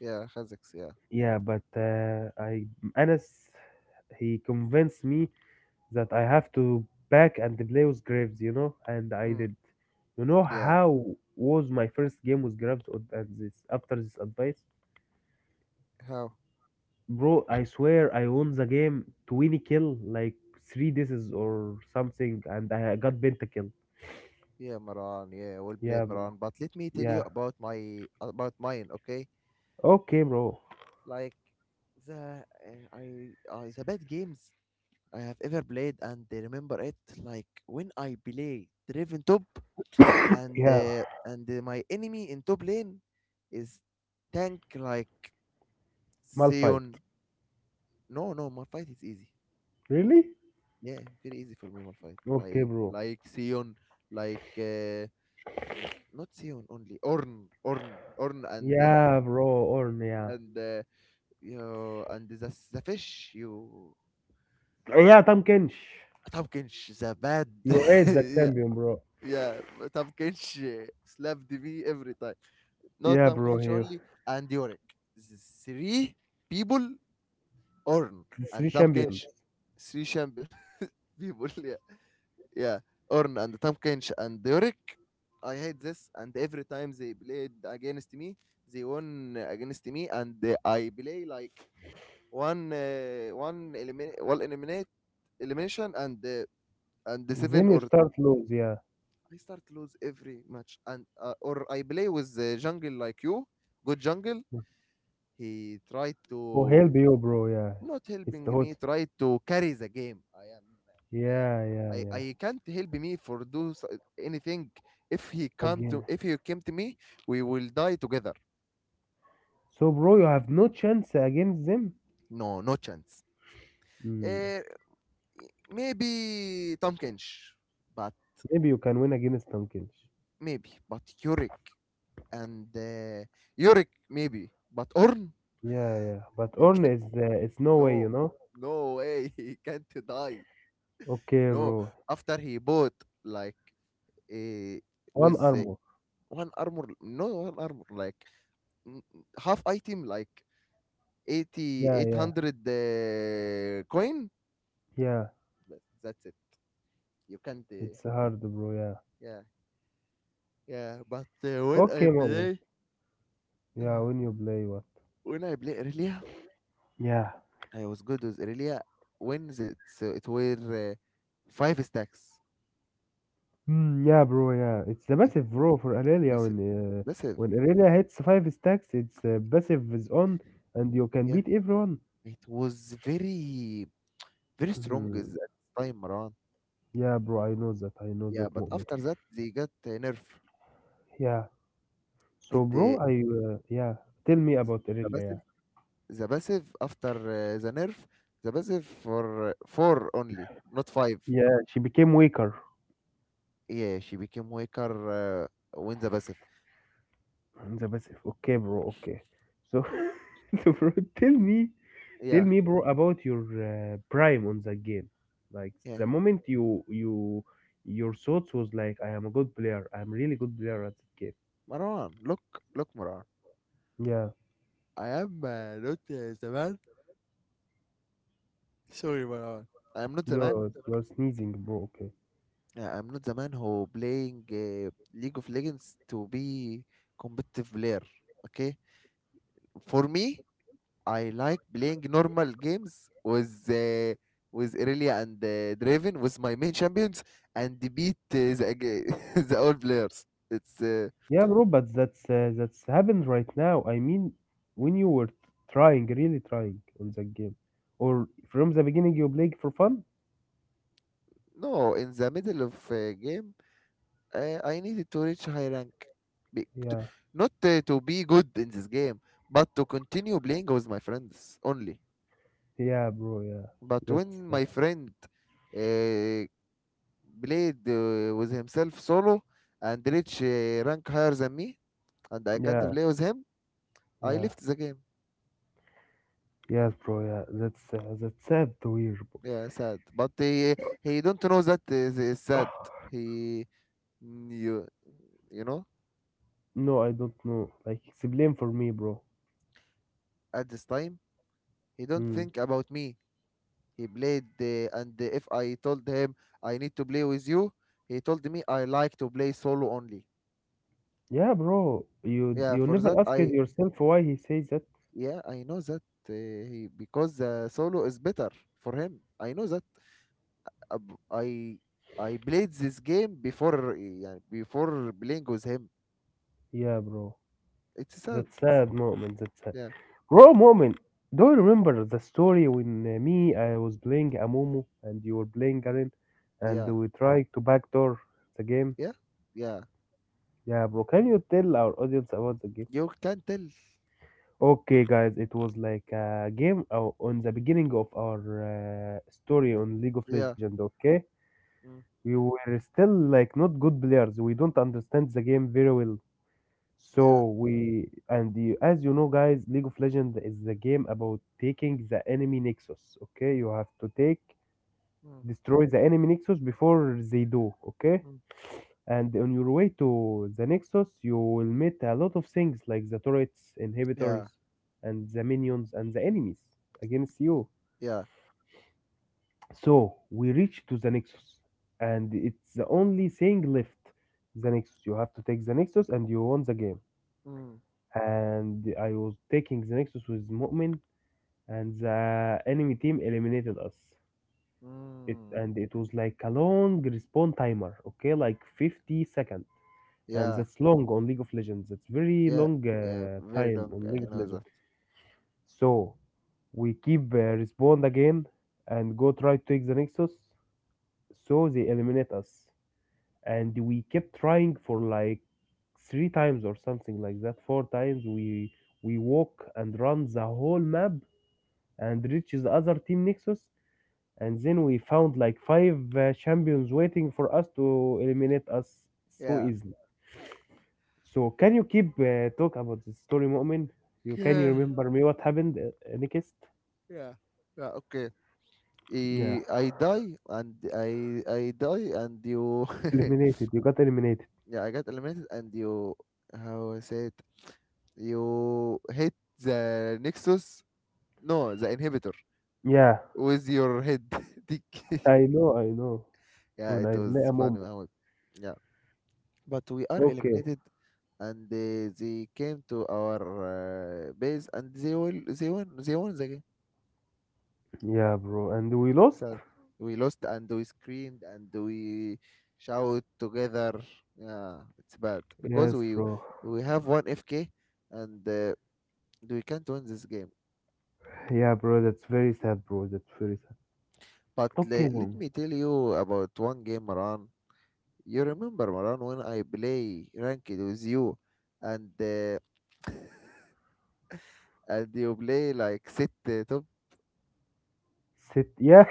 [SPEAKER 2] Yeah, Khazix, yeah. Mm.
[SPEAKER 1] Yeah, but I Anas, he convinced me that I have to back and play with Graves, you know, and I
[SPEAKER 2] Mm,
[SPEAKER 1] did. You know
[SPEAKER 2] yeah.
[SPEAKER 1] how was my first game with Graves and this after this advice?
[SPEAKER 2] How?
[SPEAKER 1] Bro, I swear I won the game 20 kill, like three disses or something, and I got pentakill.
[SPEAKER 2] Yeah, Maran, yeah, well
[SPEAKER 1] Yeah,
[SPEAKER 2] played,
[SPEAKER 1] bro.
[SPEAKER 2] Maran. But let me tell you
[SPEAKER 1] Yeah.
[SPEAKER 2] about my about mine, okay?
[SPEAKER 1] Okay, bro.
[SPEAKER 2] Like the bad games I have ever played, and I remember it, like when I play Draven top, and
[SPEAKER 1] Yeah.
[SPEAKER 2] uh, and uh, my enemy in top lane is tank like
[SPEAKER 1] Malphite.
[SPEAKER 2] Sion. No, no, Malphite is easy. No.
[SPEAKER 1] Really?
[SPEAKER 2] Yeah, very easy for me, Malphite.
[SPEAKER 1] Okay,
[SPEAKER 2] I
[SPEAKER 1] bro.
[SPEAKER 2] like Sion, like uh, not Sion only, Orn, and
[SPEAKER 1] Yeah, bro. Orn, yeah.
[SPEAKER 2] and you and the fish, you,
[SPEAKER 1] Yeah, Tom Kench.
[SPEAKER 2] Tompkins, the bad.
[SPEAKER 1] You ate the
[SPEAKER 2] Yeah,
[SPEAKER 1] champion, bro.
[SPEAKER 2] yeah, but Tompkins slapped me every time, not
[SPEAKER 1] Yeah, bro.
[SPEAKER 2] Tompkins
[SPEAKER 1] Here.
[SPEAKER 2] only, and Yorick, the three people, Orn
[SPEAKER 1] The
[SPEAKER 2] and
[SPEAKER 1] three champions.
[SPEAKER 2] Tompkins, three champion, people. Yeah, yeah, Orn and Tompkins and Yorick. I hate this, and every time they played against me, they won against me, and I play like one one eliminate elimination, and the
[SPEAKER 1] Then
[SPEAKER 2] seven
[SPEAKER 1] you
[SPEAKER 2] or.
[SPEAKER 1] start lose, yeah.
[SPEAKER 2] I start lose every match, and or I play with the jungle like you, good jungle. He tried
[SPEAKER 1] Who
[SPEAKER 2] to
[SPEAKER 1] help you, bro? Yeah,
[SPEAKER 2] not
[SPEAKER 1] it's
[SPEAKER 2] helping
[SPEAKER 1] the
[SPEAKER 2] me,
[SPEAKER 1] host.
[SPEAKER 2] tried to carry the game. I am, I am.
[SPEAKER 1] Yeah, yeah,
[SPEAKER 2] I,
[SPEAKER 1] yeah.
[SPEAKER 2] I can't help me for do anything.
[SPEAKER 1] Again,
[SPEAKER 2] If he came to me, we will die together.
[SPEAKER 1] so bro, you have no chance against them.
[SPEAKER 2] No, no chance.
[SPEAKER 1] Hmm.
[SPEAKER 2] Uh, Maybe Tompkins, but
[SPEAKER 1] Maybe you can win against Tompkins.
[SPEAKER 2] maybe, but Yurik and Yurik maybe, but Orn,
[SPEAKER 1] Yeah, yeah. But
[SPEAKER 2] he
[SPEAKER 1] Orne
[SPEAKER 2] can
[SPEAKER 1] is it's
[SPEAKER 2] not,
[SPEAKER 1] no way, you
[SPEAKER 2] no,
[SPEAKER 1] know.
[SPEAKER 2] no way, he can't die.
[SPEAKER 1] Okay,
[SPEAKER 2] No,
[SPEAKER 1] bro.
[SPEAKER 2] after he bought like uh,
[SPEAKER 1] One
[SPEAKER 2] with
[SPEAKER 1] armor.
[SPEAKER 2] one armor, no, one armor, like n- half item, like 80,
[SPEAKER 1] Yeah,
[SPEAKER 2] eight
[SPEAKER 1] yeah,
[SPEAKER 2] hundred coin.
[SPEAKER 1] yeah.
[SPEAKER 2] But that's it. You can't.
[SPEAKER 1] It's hard, bro. Yeah.
[SPEAKER 2] Yeah, yeah. But When I
[SPEAKER 1] Okay, moment.
[SPEAKER 2] play,
[SPEAKER 1] Yeah,
[SPEAKER 2] yeah.
[SPEAKER 1] when you play what?
[SPEAKER 2] When I play Irelia,
[SPEAKER 1] Yeah.
[SPEAKER 2] I was good with Irelia it were five stacks.
[SPEAKER 1] Mm, yeah, bro. Yeah, it's the
[SPEAKER 2] It
[SPEAKER 1] passive bro for Aurelia
[SPEAKER 2] massive,
[SPEAKER 1] when
[SPEAKER 2] massive.
[SPEAKER 1] When Aurelia hits five stacks, its passive is on, and you can
[SPEAKER 2] Yeah,
[SPEAKER 1] beat everyone.
[SPEAKER 2] it was very, very strong at
[SPEAKER 1] Mhm.
[SPEAKER 2] that time, Maran.
[SPEAKER 1] Yeah, bro. I know that. I know
[SPEAKER 2] Yeah,
[SPEAKER 1] that
[SPEAKER 2] but
[SPEAKER 1] moment.
[SPEAKER 2] after that they got nerf.
[SPEAKER 1] Yeah.
[SPEAKER 2] It
[SPEAKER 1] So, bro, I yeah. Tell me about
[SPEAKER 2] The
[SPEAKER 1] Aurelia. Yeah.
[SPEAKER 2] passive, the passive after the nerf, the passive for four only, not five.
[SPEAKER 1] Yeah, she became weaker
[SPEAKER 2] Yeah, she became weaker when the passive.
[SPEAKER 1] in the passive. Okay, bro. Okay. So, so, bro, tell me tell
[SPEAKER 2] Yeah,
[SPEAKER 1] me, bro, about your prime on the game. Like the
[SPEAKER 2] yeah.
[SPEAKER 1] moment your thoughts was like, I am a good player. I am really good player at that game.
[SPEAKER 2] Marwan, look, look, Marwan.
[SPEAKER 1] Yeah,
[SPEAKER 2] I am not the man. Sorry, Marwan. I am not the man.
[SPEAKER 1] you're sneezing, bro. Okay.
[SPEAKER 2] Yeah, I'm not the man who playing League of Legends to be competitive player. Okay, for me, I like playing normal games with Irelia and Draven with my main champions and beat the old players. It's
[SPEAKER 1] Yeah, bro, but that's happened right now. I mean, when you were trying, really trying on that game, or from the beginning you played for fun.
[SPEAKER 2] No, in the middle of game. I needed to reach high rank, be, to,
[SPEAKER 1] Yeah,
[SPEAKER 2] not to be good in this game, but to continue playing with my friends only.
[SPEAKER 1] yeah, bro. Yeah,
[SPEAKER 2] But
[SPEAKER 1] That's
[SPEAKER 2] when my
[SPEAKER 1] uh,
[SPEAKER 2] friend uh, played with himself solo and reached rank higher than me, and I can't
[SPEAKER 1] yeah,
[SPEAKER 2] play with him, I
[SPEAKER 1] yeah,
[SPEAKER 2] left the game.
[SPEAKER 1] yes, bro. That's sad to hear, bro.
[SPEAKER 2] Yeah, sad. But he don't know that is sad. He, mm, you you know,
[SPEAKER 1] No, I don't know. Like, it's a blame for me, bro.
[SPEAKER 2] at this time he don't
[SPEAKER 1] Mm.
[SPEAKER 2] think about me. He played, and if I told him I need to play with you, he told me I like to play solo only.
[SPEAKER 1] Yeah, bro. You
[SPEAKER 2] Yeah,
[SPEAKER 1] you
[SPEAKER 2] for
[SPEAKER 1] never
[SPEAKER 2] that
[SPEAKER 1] asked yourself why he says that?
[SPEAKER 2] I know that, uh, he because solo is better for him. I know that. Uh, b- I I played this game before, yeah, before playing with him.
[SPEAKER 1] Yeah, bro.
[SPEAKER 2] It's sad.
[SPEAKER 1] That sad moment. That sad.
[SPEAKER 2] Yeah,
[SPEAKER 1] Bro, moment. Do you remember the story when me, I was playing Amumu and you were playing Garen, and
[SPEAKER 2] yeah,
[SPEAKER 1] we tried to backdoor the game?
[SPEAKER 2] yeah, yeah.
[SPEAKER 1] Yeah, bro. Can you tell our audience about the game?
[SPEAKER 2] You can tell.
[SPEAKER 1] Okay, guys. It was like a game on the beginning of our story on League of
[SPEAKER 2] Yeah,
[SPEAKER 1] Legends. Okay.
[SPEAKER 2] mm,
[SPEAKER 1] We were still like not good players. We don't understand the game very well.
[SPEAKER 2] yeah,
[SPEAKER 1] So we and you, as you know, guys, League of Legends is the game about taking the enemy nexus. Okay, you have to take
[SPEAKER 2] mm,
[SPEAKER 1] destroy the enemy nexus before they do. Okay,
[SPEAKER 2] mm,
[SPEAKER 1] and on your way to the nexus, you will meet a lot of things like the turrets, inhibitors,
[SPEAKER 2] yeah,
[SPEAKER 1] and the minions and the enemies against you.
[SPEAKER 2] yeah,
[SPEAKER 1] So we reach to the Nexus, and it's the only thing left. The Nexus. You have to take the Nexus, and you won the game.
[SPEAKER 2] mm,
[SPEAKER 1] And I was taking the Nexus with Mu'min, and the enemy team eliminated us. It
[SPEAKER 2] mm,
[SPEAKER 1] and it was like a long respawn timer. Okay, like 50 seconds, and
[SPEAKER 2] yeah.
[SPEAKER 1] that's long on League of Legends. That's very
[SPEAKER 2] Yeah,
[SPEAKER 1] long
[SPEAKER 2] yeah, very
[SPEAKER 1] time
[SPEAKER 2] long.
[SPEAKER 1] on League
[SPEAKER 2] I
[SPEAKER 1] of
[SPEAKER 2] know
[SPEAKER 1] Legends.
[SPEAKER 2] that.
[SPEAKER 1] So we keep respawn again, and go try to take the Nexus. So they eliminate us, and
[SPEAKER 2] Mm.
[SPEAKER 1] we kept trying for like three times or something like that, four times. We walk and run the whole map and reaches the other team nexus, and then we found like five champions waiting for us to eliminate us so
[SPEAKER 2] Yeah,
[SPEAKER 1] easily. So can you keep talk about the story moment? You can you
[SPEAKER 2] yeah,
[SPEAKER 1] remember me what happened next?
[SPEAKER 2] yeah, yeah. Okay, I,
[SPEAKER 1] yeah
[SPEAKER 2] I die and I die and you.
[SPEAKER 1] eliminated you got eliminated
[SPEAKER 2] Yeah, I got eliminated and you. How I say it? You hit the Nexus. No, the inhibitor
[SPEAKER 1] yeah
[SPEAKER 2] with your head. Dick.
[SPEAKER 1] i know i know
[SPEAKER 2] Yeah,
[SPEAKER 1] when I
[SPEAKER 2] it
[SPEAKER 1] play a
[SPEAKER 2] was
[SPEAKER 1] momo,
[SPEAKER 2] funny. How it-. Yeah, but we are
[SPEAKER 1] okay.
[SPEAKER 2] eliminated. And They came to our base, and they won the.
[SPEAKER 1] Yeah bro, and we lost.
[SPEAKER 2] So we lost, and we screamed, and we shout together. Yeah, it's bad because
[SPEAKER 1] Yes,
[SPEAKER 2] we
[SPEAKER 1] bro.
[SPEAKER 2] we have one FK, and we can't win this game.
[SPEAKER 1] Yeah, bro, that's very sad, bro. That's very sad.
[SPEAKER 2] But
[SPEAKER 1] Okay,
[SPEAKER 2] let
[SPEAKER 1] mom.
[SPEAKER 2] me tell you about one game, Maran. You remember, Maran, when I play ranked with you and uh, and you play like sit top.
[SPEAKER 1] Sit. Yeah,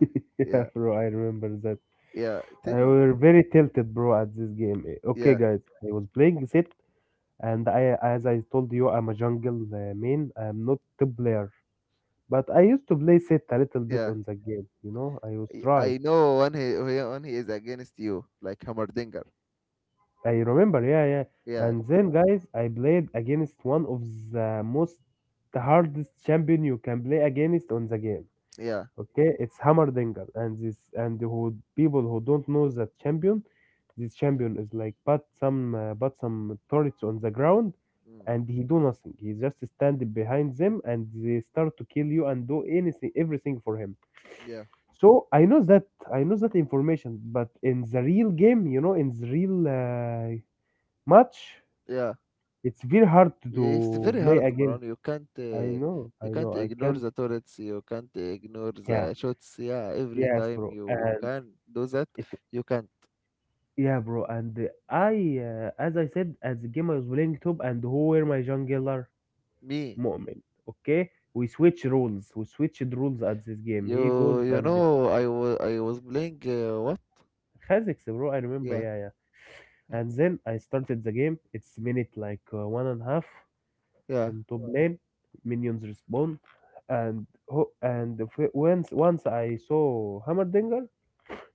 [SPEAKER 1] yeah,
[SPEAKER 2] Yeah,
[SPEAKER 1] bro. I remember that.
[SPEAKER 2] yeah.
[SPEAKER 1] I
[SPEAKER 2] Tell,
[SPEAKER 1] were very tilted, bro, at this game. Eh, okay,
[SPEAKER 2] yeah,
[SPEAKER 1] guys, I was playing Zit, and I, as I told you, I'm a jungle main. I'm not the player, but I used to play Zit a little bit
[SPEAKER 2] yeah.
[SPEAKER 1] on the game. You know, I was
[SPEAKER 2] I
[SPEAKER 1] try.
[SPEAKER 2] know when he is against you, like Hammerdinger.
[SPEAKER 1] I remember, yeah, yeah.
[SPEAKER 2] Yeah,
[SPEAKER 1] And then, guys, I played against one of the most hardest champion you can play against on the game.
[SPEAKER 2] yeah.
[SPEAKER 1] Okay, it's Hammerdinger, and this and who people who don't know that champion, this champion is like but some turrets on the ground,
[SPEAKER 2] Mm.
[SPEAKER 1] and he do nothing. He just stand behind them, and they start to kill you and do anything, everything for him.
[SPEAKER 2] Yeah.
[SPEAKER 1] So I know that, I know that information, but in the real game, you know, in the real match,
[SPEAKER 2] Yeah,
[SPEAKER 1] it's very hard to
[SPEAKER 2] it's very
[SPEAKER 1] play
[SPEAKER 2] hard,
[SPEAKER 1] again.
[SPEAKER 2] Maran.
[SPEAKER 1] I know, I
[SPEAKER 2] You can't
[SPEAKER 1] know, I
[SPEAKER 2] ignore
[SPEAKER 1] can't.
[SPEAKER 2] the turrets. You can't ignore
[SPEAKER 1] Yeah,
[SPEAKER 2] the shots. Yeah, every
[SPEAKER 1] yes,
[SPEAKER 2] time
[SPEAKER 1] bro.
[SPEAKER 2] you
[SPEAKER 1] And
[SPEAKER 2] can do that,
[SPEAKER 1] it
[SPEAKER 2] you can't.
[SPEAKER 1] Yeah, bro. And I, as I said, as the game I was playing top, and who were my jungler?
[SPEAKER 2] Me,
[SPEAKER 1] Mu'min. Okay, we switch roles. We switched roles at this game. He
[SPEAKER 2] you
[SPEAKER 1] goes
[SPEAKER 2] you
[SPEAKER 1] and
[SPEAKER 2] know, I was playing what?
[SPEAKER 1] Kha'Zix, bro. I remember.
[SPEAKER 2] Yeah,
[SPEAKER 1] Yeah, yeah. And then I started the game. It's minute like one and a half
[SPEAKER 2] yeah,
[SPEAKER 1] in top lane. Minions respawn, and once I saw Hammerdinger,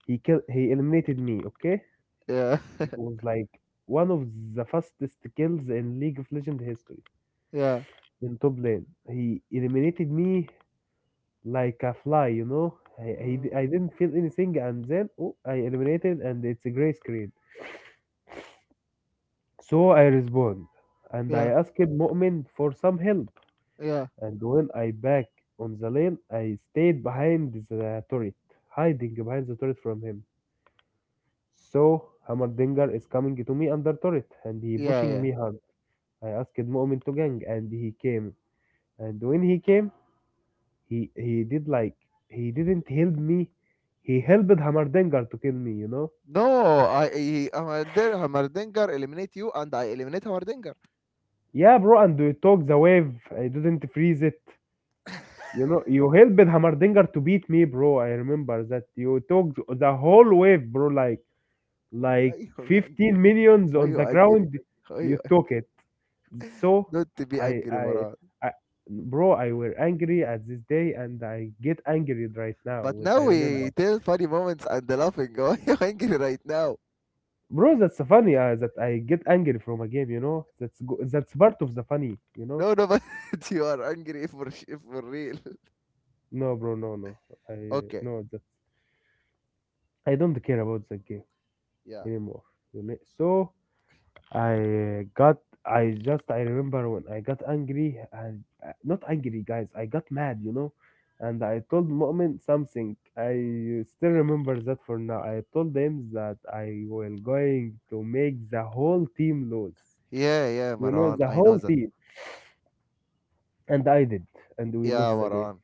[SPEAKER 1] he killed. He eliminated me. Okay,
[SPEAKER 2] yeah,
[SPEAKER 1] it was like one of the fastest kills in League of Legends history.
[SPEAKER 2] yeah,
[SPEAKER 1] In top lane. He eliminated me like a fly, you know.
[SPEAKER 2] mm,
[SPEAKER 1] I didn't feel anything, and then oh, I eliminated, and it's a gray screen. So I respond, and I
[SPEAKER 2] yeah,
[SPEAKER 1] asked Mu'min for some help.
[SPEAKER 2] yeah,
[SPEAKER 1] And when I back on the lane, I stayed behind the turret, hiding behind the turret from him. So Hammerdinger is coming to me under turret, and he
[SPEAKER 2] yeah,
[SPEAKER 1] pushing
[SPEAKER 2] yeah.
[SPEAKER 1] me hard. I asked Mu'min to gang, and he came. And when he came, he did like he didn't help me. He helped Hammerdinger to kill me, you know?
[SPEAKER 2] No, Hammerdinger eliminate you, and I eliminate Hammerdinger.
[SPEAKER 1] Yeah, bro, and you took the wave. I didn't freeze it. You know, you helped Hamardinger to beat me, bro. I remember that you took the whole wave, bro. Like
[SPEAKER 2] Why you
[SPEAKER 1] 15
[SPEAKER 2] angry?
[SPEAKER 1] minions
[SPEAKER 2] Why
[SPEAKER 1] on the
[SPEAKER 2] you angry?
[SPEAKER 1] ground.
[SPEAKER 2] Why
[SPEAKER 1] You
[SPEAKER 2] you
[SPEAKER 1] took
[SPEAKER 2] angry?
[SPEAKER 1] it. So
[SPEAKER 2] Don't be
[SPEAKER 1] I
[SPEAKER 2] angry,
[SPEAKER 1] I
[SPEAKER 2] Maran.
[SPEAKER 1] I bro, I were angry at this day, and I get angry right now
[SPEAKER 2] But
[SPEAKER 1] when
[SPEAKER 2] now
[SPEAKER 1] I
[SPEAKER 2] we
[SPEAKER 1] remember.
[SPEAKER 2] tell funny moments and the laughing. Why are you angry right now?
[SPEAKER 1] Bro, that's funny that I get angry from a game, you know? That's part of the funny, you
[SPEAKER 2] No,
[SPEAKER 1] know?
[SPEAKER 2] no, but you are angry for real.
[SPEAKER 1] No, bro, no, no. I
[SPEAKER 2] Okay,
[SPEAKER 1] no that I don't care about the game
[SPEAKER 2] yeah,
[SPEAKER 1] anymore. You know? So I got I remember when I got angry and not angry guys, I got mad, you know? And I told Mu'min something. I still remember that for now. I told them that I will going to make the whole team lose.
[SPEAKER 2] yeah, yeah,
[SPEAKER 1] You know,
[SPEAKER 2] Marwan.
[SPEAKER 1] the
[SPEAKER 2] I know
[SPEAKER 1] whole
[SPEAKER 2] that.
[SPEAKER 1] team. And I did, and we
[SPEAKER 2] Yeah,
[SPEAKER 1] lost the game.
[SPEAKER 2] Marwan.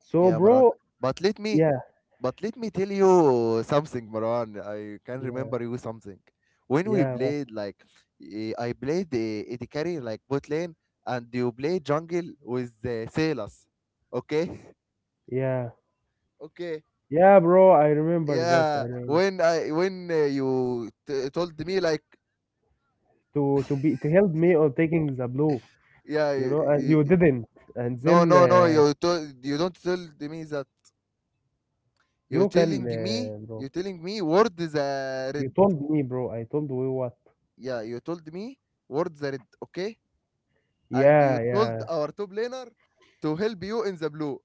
[SPEAKER 1] So,
[SPEAKER 2] Yeah, Marwan.
[SPEAKER 1] bro,
[SPEAKER 2] But let me,
[SPEAKER 1] yeah,
[SPEAKER 2] but let me tell you something, Marwan. I can
[SPEAKER 1] yeah,
[SPEAKER 2] remember you something. When we
[SPEAKER 1] yeah,
[SPEAKER 2] played, like, I played the carry like bot lane, and you played jungle with the Salas. Okay,
[SPEAKER 1] yeah,
[SPEAKER 2] okay.
[SPEAKER 1] yeah, bro. I remember that. I
[SPEAKER 2] Yeah,
[SPEAKER 1] mean,
[SPEAKER 2] when I when you told me like,
[SPEAKER 1] to be to help me on taking the blue,
[SPEAKER 2] yeah,
[SPEAKER 1] you know, and you didn't, and
[SPEAKER 2] no,
[SPEAKER 1] then
[SPEAKER 2] no, no, you don't tell me that,
[SPEAKER 1] you can, bro.
[SPEAKER 2] you're telling me word the red.
[SPEAKER 1] You told me, bro. I told you what?
[SPEAKER 2] Yeah, you told me word the red. Okay, and you
[SPEAKER 1] Yeah,
[SPEAKER 2] told
[SPEAKER 1] yeah,
[SPEAKER 2] our top laner to help you in the blue.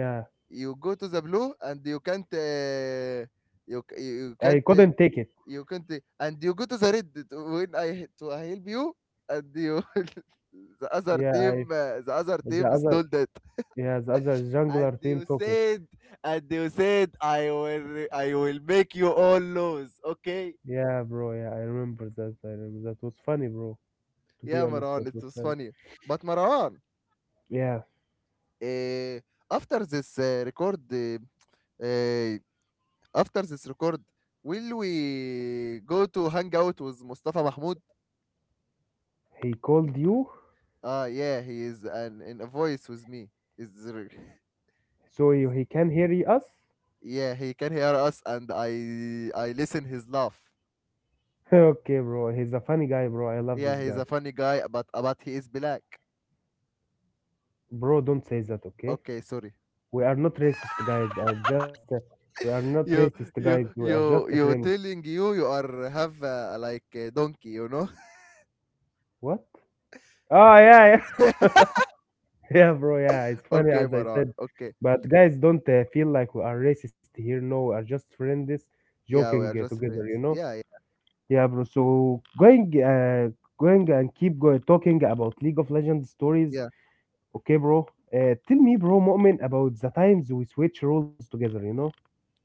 [SPEAKER 1] yeah.
[SPEAKER 2] You go to the blue, and you can't you c- you
[SPEAKER 1] I
[SPEAKER 2] can't uh,
[SPEAKER 1] couldn't take it.
[SPEAKER 2] You can't, and you go to the Reddit when to help you, and you
[SPEAKER 1] Yeah, I
[SPEAKER 2] the other team
[SPEAKER 1] the
[SPEAKER 2] stole
[SPEAKER 1] other
[SPEAKER 2] that.
[SPEAKER 1] yeah the other
[SPEAKER 2] and
[SPEAKER 1] jungler
[SPEAKER 2] you
[SPEAKER 1] team took it.
[SPEAKER 2] said and you said, I will make you all lose. Okay,
[SPEAKER 1] Yeah, bro. Yeah, I remember that. I remember that was funny, bro. To
[SPEAKER 2] yeah,
[SPEAKER 1] be honest,
[SPEAKER 2] Maran, it
[SPEAKER 1] that was
[SPEAKER 2] was
[SPEAKER 1] funny.
[SPEAKER 2] funny. But Maran,
[SPEAKER 1] Yeah.
[SPEAKER 2] uh, after this uh, record uh, uh, after this record, will we go to hang out with Mustafa Mahmoud?
[SPEAKER 1] He called you,
[SPEAKER 2] Ah, yeah, he is an in a voice with me. Is there?
[SPEAKER 1] so you, he can hear us?
[SPEAKER 2] Yeah, he can hear us, and I listen his laugh.
[SPEAKER 1] okay, bro. He's a funny guy, bro. I love
[SPEAKER 2] Yeah,
[SPEAKER 1] this
[SPEAKER 2] he's a
[SPEAKER 1] guy.
[SPEAKER 2] funny guy, but he is black.
[SPEAKER 1] Bro, don't say that, okay?
[SPEAKER 2] Okay, sorry.
[SPEAKER 1] We are not racist, guys. I just we are not
[SPEAKER 2] You
[SPEAKER 1] racist, guys.
[SPEAKER 2] you
[SPEAKER 1] We are
[SPEAKER 2] you
[SPEAKER 1] just
[SPEAKER 2] you
[SPEAKER 1] friends.
[SPEAKER 2] telling you are have like a donkey, you know?
[SPEAKER 1] What? Oh, yeah, yeah. Yeah, bro. Yeah, it's funny
[SPEAKER 2] Okay,
[SPEAKER 1] as I
[SPEAKER 2] Maran.
[SPEAKER 1] said.
[SPEAKER 2] Okay,
[SPEAKER 1] But guys, don't feel like we are racist here. No, we are just friends joking
[SPEAKER 2] yeah, we are just
[SPEAKER 1] together, you
[SPEAKER 2] friends.
[SPEAKER 1] know?
[SPEAKER 2] Yeah, yeah,
[SPEAKER 1] Yeah, bro. So going talking about League of Legends stories.
[SPEAKER 2] yeah.
[SPEAKER 1] Okay, bro. Tell me, bro, Mu'min, about the times we switch roles together, you know?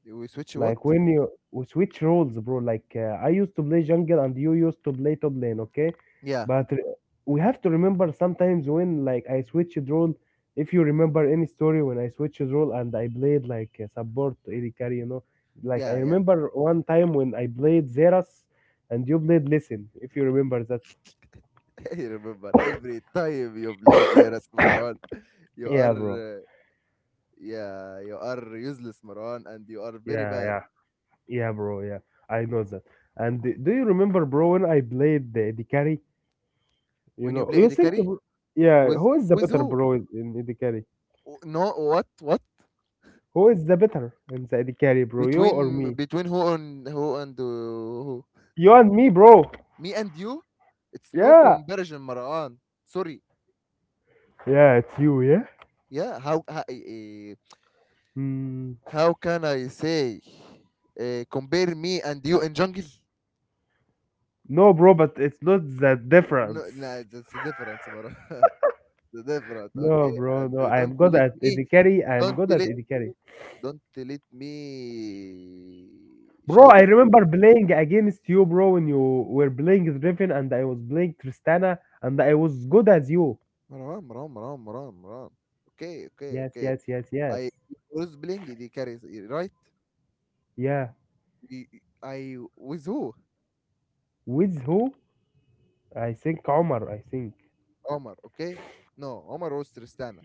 [SPEAKER 2] We switch
[SPEAKER 1] Like
[SPEAKER 2] what?
[SPEAKER 1] when you we switch roles, bro. Like I used to play jungle and you used to play top lane, okay?
[SPEAKER 2] Yeah,
[SPEAKER 1] But re- we have to remember sometimes when like I switched role. If you remember any story when I switched role and I played like a support AD carry, you know? Like I
[SPEAKER 2] yeah, yeah.
[SPEAKER 1] remember one time when I played Zeras and you played Listen, if you remember that.
[SPEAKER 2] You remember every time you play Zeras, Maran, you
[SPEAKER 1] Yeah,
[SPEAKER 2] are
[SPEAKER 1] bro.
[SPEAKER 2] uh, yeah you are useless, Maran, and you are very
[SPEAKER 1] Yeah,
[SPEAKER 2] bad
[SPEAKER 1] yeah. Yeah, bro. Yeah, I know that. And do you remember, bro, when I played the carry? You
[SPEAKER 2] when you
[SPEAKER 1] know,
[SPEAKER 2] play
[SPEAKER 1] you
[SPEAKER 2] the
[SPEAKER 1] think,
[SPEAKER 2] Carry
[SPEAKER 1] bro, yeah,
[SPEAKER 2] with
[SPEAKER 1] who is the
[SPEAKER 2] with
[SPEAKER 1] better,
[SPEAKER 2] who?
[SPEAKER 1] bro, in the carry?
[SPEAKER 2] Oh, no, what? What?
[SPEAKER 1] Who is the better in the carry, bro? You or
[SPEAKER 2] Between
[SPEAKER 1] me?
[SPEAKER 2] between who and who and who?
[SPEAKER 1] You and me, bro.
[SPEAKER 2] Me and you? It's no
[SPEAKER 1] Yeah,
[SPEAKER 2] comparison, Marwan. Sorry.
[SPEAKER 1] yeah, it's you, yeah.
[SPEAKER 2] Yeah,
[SPEAKER 1] Mm,
[SPEAKER 2] how can I say compare me and you in jungle?
[SPEAKER 1] no, bro, but it's not that
[SPEAKER 2] No,
[SPEAKER 1] difference.
[SPEAKER 2] nah, that's a difference, Marwan. The difference,
[SPEAKER 1] No,
[SPEAKER 2] okay?
[SPEAKER 1] bro,
[SPEAKER 2] And
[SPEAKER 1] no. I
[SPEAKER 2] Don't
[SPEAKER 1] am good
[SPEAKER 2] let
[SPEAKER 1] at
[SPEAKER 2] me,
[SPEAKER 1] the carry. I am
[SPEAKER 2] don't
[SPEAKER 1] good at
[SPEAKER 2] let,
[SPEAKER 1] the carry.
[SPEAKER 2] don't let me
[SPEAKER 1] Bro,
[SPEAKER 2] shout
[SPEAKER 1] I
[SPEAKER 2] at you.
[SPEAKER 1] remember playing against you, bro, when you were playing Driven and I was playing Tristana and I was good as you.
[SPEAKER 2] Marwan, Marwan, Marwan, Marwan, Marwan. Okay, okay,
[SPEAKER 1] Yes,
[SPEAKER 2] okay.
[SPEAKER 1] yes, yes,
[SPEAKER 2] I
[SPEAKER 1] yes.
[SPEAKER 2] was playing the carries, right?
[SPEAKER 1] Yeah.
[SPEAKER 2] ي I with who?
[SPEAKER 1] With who? I think Omar, I think.
[SPEAKER 2] Omar, okay? No, Omar was Tristana.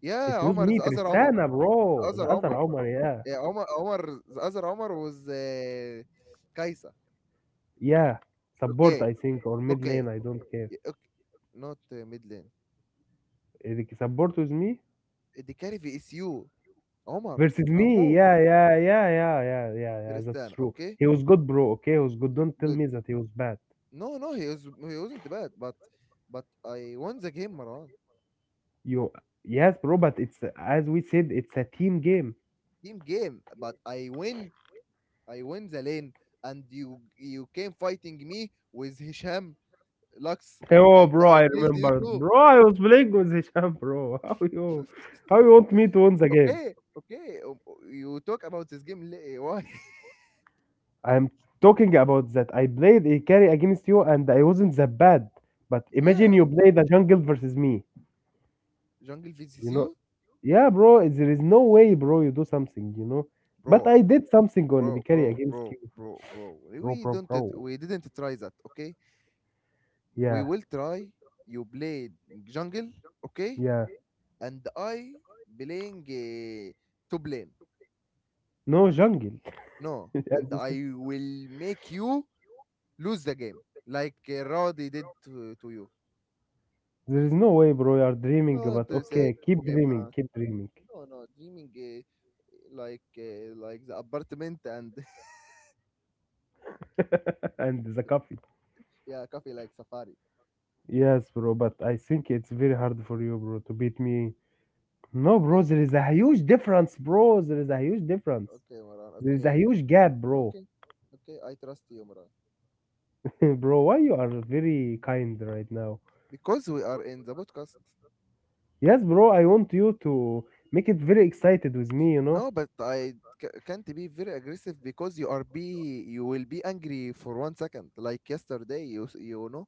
[SPEAKER 2] Yeah,
[SPEAKER 1] It was
[SPEAKER 2] Omar,
[SPEAKER 1] me,
[SPEAKER 2] the other عمر,
[SPEAKER 1] Tristana,
[SPEAKER 2] the
[SPEAKER 1] bro.
[SPEAKER 2] other
[SPEAKER 1] The other
[SPEAKER 2] عمر,
[SPEAKER 1] Omar, yeah.
[SPEAKER 2] yeah, Omar Omar the other عمر was Kaisa.
[SPEAKER 1] Yeah. Support,
[SPEAKER 2] Okay,
[SPEAKER 1] I think, or mid lane,
[SPEAKER 2] okay,
[SPEAKER 1] I don't care.
[SPEAKER 2] okay. Not mid lane.
[SPEAKER 1] Eh, support with me?
[SPEAKER 2] The carry is you, Omar.
[SPEAKER 1] Versus me,
[SPEAKER 2] Amor,
[SPEAKER 1] yeah, yeah, yeah, yeah, yeah, yeah, yeah, that's
[SPEAKER 2] Tristana.
[SPEAKER 1] true.
[SPEAKER 2] Okay,
[SPEAKER 1] He was good, bro, okay? He was good. Don't tell
[SPEAKER 2] good.
[SPEAKER 1] me that he was bad.
[SPEAKER 2] No, no, he wasn't bad, but I won the game, Maran.
[SPEAKER 1] You, yes, bro, but it's, as we said, it's a team game.
[SPEAKER 2] Team game, but I win. I win the lane, and you came fighting me with Hisham Lux,
[SPEAKER 1] Oh,
[SPEAKER 2] and
[SPEAKER 1] bro,
[SPEAKER 2] I
[SPEAKER 1] I
[SPEAKER 2] killed you
[SPEAKER 1] remember.
[SPEAKER 2] too.
[SPEAKER 1] Bro, I was playing with Hisham, bro. How you want me to win the game?
[SPEAKER 2] Okay, okay. You talk about this game. Why?
[SPEAKER 1] I'm talking about that I played a carry against you and I wasn't that bad. But imagine
[SPEAKER 2] Yeah,
[SPEAKER 1] you play the jungle versus me.
[SPEAKER 2] jungle vs
[SPEAKER 1] You know,
[SPEAKER 2] you,
[SPEAKER 1] yeah, bro, there is no way, bro, you do something, you know. But
[SPEAKER 2] bro,
[SPEAKER 1] I did something on the
[SPEAKER 2] bro,
[SPEAKER 1] carry
[SPEAKER 2] bro,
[SPEAKER 1] against
[SPEAKER 2] bro,
[SPEAKER 1] you,
[SPEAKER 2] bro, bro.
[SPEAKER 1] bro,
[SPEAKER 2] We
[SPEAKER 1] bro,
[SPEAKER 2] don't.
[SPEAKER 1] bro.
[SPEAKER 2] We didn't try that. Okay, we
[SPEAKER 1] Yeah,
[SPEAKER 2] will try. You played jungle, okay,
[SPEAKER 1] yeah.
[SPEAKER 2] and I playing to blame.
[SPEAKER 1] No jungle.
[SPEAKER 2] No,
[SPEAKER 1] As
[SPEAKER 2] and
[SPEAKER 1] you said,
[SPEAKER 2] I will make you lose the game like Rowdy did to you.
[SPEAKER 1] there is no way, bro, you are dreaming,
[SPEAKER 2] Don't
[SPEAKER 1] but
[SPEAKER 2] say.
[SPEAKER 1] okay, keep dreaming, keep dreaming.
[SPEAKER 2] No, no, dreaming like the apartment and
[SPEAKER 1] and the coffee.
[SPEAKER 2] yeah, coffee like safari.
[SPEAKER 1] Yes, bro, but I think it's very hard for you, bro, to beat me. No, bro,
[SPEAKER 2] Yeah,
[SPEAKER 1] there is a huge difference, bro. There is a huge difference.
[SPEAKER 2] okay, Moran.
[SPEAKER 1] There is a
[SPEAKER 2] Okay,
[SPEAKER 1] huge gap, bro.
[SPEAKER 2] okay, okay. I trust you, Moran.
[SPEAKER 1] Bro, why you are very kind right now?
[SPEAKER 2] Because we are in the podcast.
[SPEAKER 1] Yes, bro, I want you to make it very excited with me, you know?
[SPEAKER 2] No, but can't be very aggressive because you will be angry for one second. Like yesterday, you know,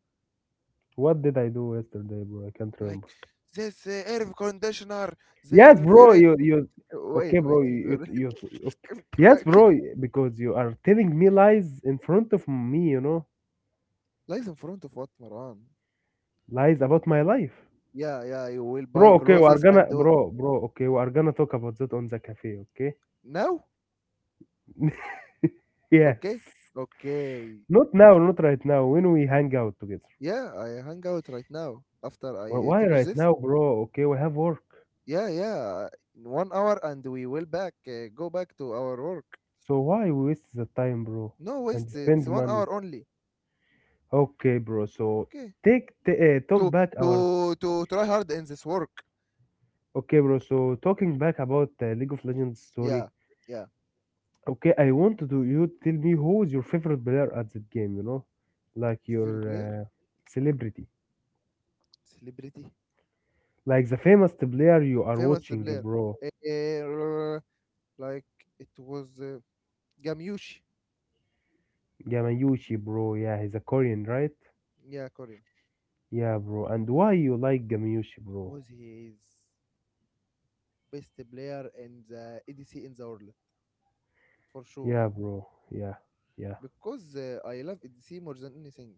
[SPEAKER 1] What did I do yesterday, bro? I can't
[SPEAKER 2] like
[SPEAKER 1] remember.
[SPEAKER 2] this air conditioner,
[SPEAKER 1] Yes,
[SPEAKER 2] they're
[SPEAKER 1] bro,
[SPEAKER 2] very.
[SPEAKER 1] you
[SPEAKER 2] Wait,
[SPEAKER 1] okay,
[SPEAKER 2] wait,
[SPEAKER 1] bro,
[SPEAKER 2] very-
[SPEAKER 1] you okay.
[SPEAKER 2] keep,
[SPEAKER 1] Yes,
[SPEAKER 2] keep, keep.
[SPEAKER 1] bro, because you are telling me lies in front of me, you know?
[SPEAKER 2] Lies in front of what, Moran.
[SPEAKER 1] Lies about my life.
[SPEAKER 2] Yeah, yeah, you will
[SPEAKER 1] Bro,
[SPEAKER 2] buy
[SPEAKER 1] okay, we
[SPEAKER 2] clothes
[SPEAKER 1] are
[SPEAKER 2] and.
[SPEAKER 1] gonna okay, we are gonna talk about that on the cafe, okay?
[SPEAKER 2] Now?
[SPEAKER 1] Yes.
[SPEAKER 2] Okay. Okay.
[SPEAKER 1] Not now, not right now. When we hang out together.
[SPEAKER 2] Yeah, I hang out right now after I
[SPEAKER 1] Why
[SPEAKER 2] finish
[SPEAKER 1] right
[SPEAKER 2] this.
[SPEAKER 1] now, bro? Okay, we have work.
[SPEAKER 2] Yeah, yeah. In one hour, and we will back go back to our work.
[SPEAKER 1] So why we waste the time, bro?
[SPEAKER 2] No
[SPEAKER 1] And
[SPEAKER 2] waste, it's
[SPEAKER 1] spend
[SPEAKER 2] one
[SPEAKER 1] money.
[SPEAKER 2] hour only.
[SPEAKER 1] Okay, bro. So
[SPEAKER 2] Okay.
[SPEAKER 1] take talk
[SPEAKER 2] To
[SPEAKER 1] back our.
[SPEAKER 2] to try hard in this work.
[SPEAKER 1] Okay, bro. So talking back about League of Legends
[SPEAKER 2] Yeah,
[SPEAKER 1] story.
[SPEAKER 2] yeah.
[SPEAKER 1] Okay, I want to do you tell me who is your favorite player at that game. You know, like your
[SPEAKER 2] Favorite player?
[SPEAKER 1] celebrity,
[SPEAKER 2] Celebrity.
[SPEAKER 1] like the famous player you are
[SPEAKER 2] Famous
[SPEAKER 1] watching,
[SPEAKER 2] player.
[SPEAKER 1] bro.
[SPEAKER 2] Uh, like it was Gamyushi.
[SPEAKER 1] Yamauchi, bro. Yeah, he's a Korean, right?
[SPEAKER 2] Yeah, Korean.
[SPEAKER 1] Yeah, bro. And why you like Gamiushi, bro?
[SPEAKER 2] Because he is best player in the EDC in the world for sure.
[SPEAKER 1] Yeah, bro. Yeah, yeah.
[SPEAKER 2] Because I love EDC more than anything.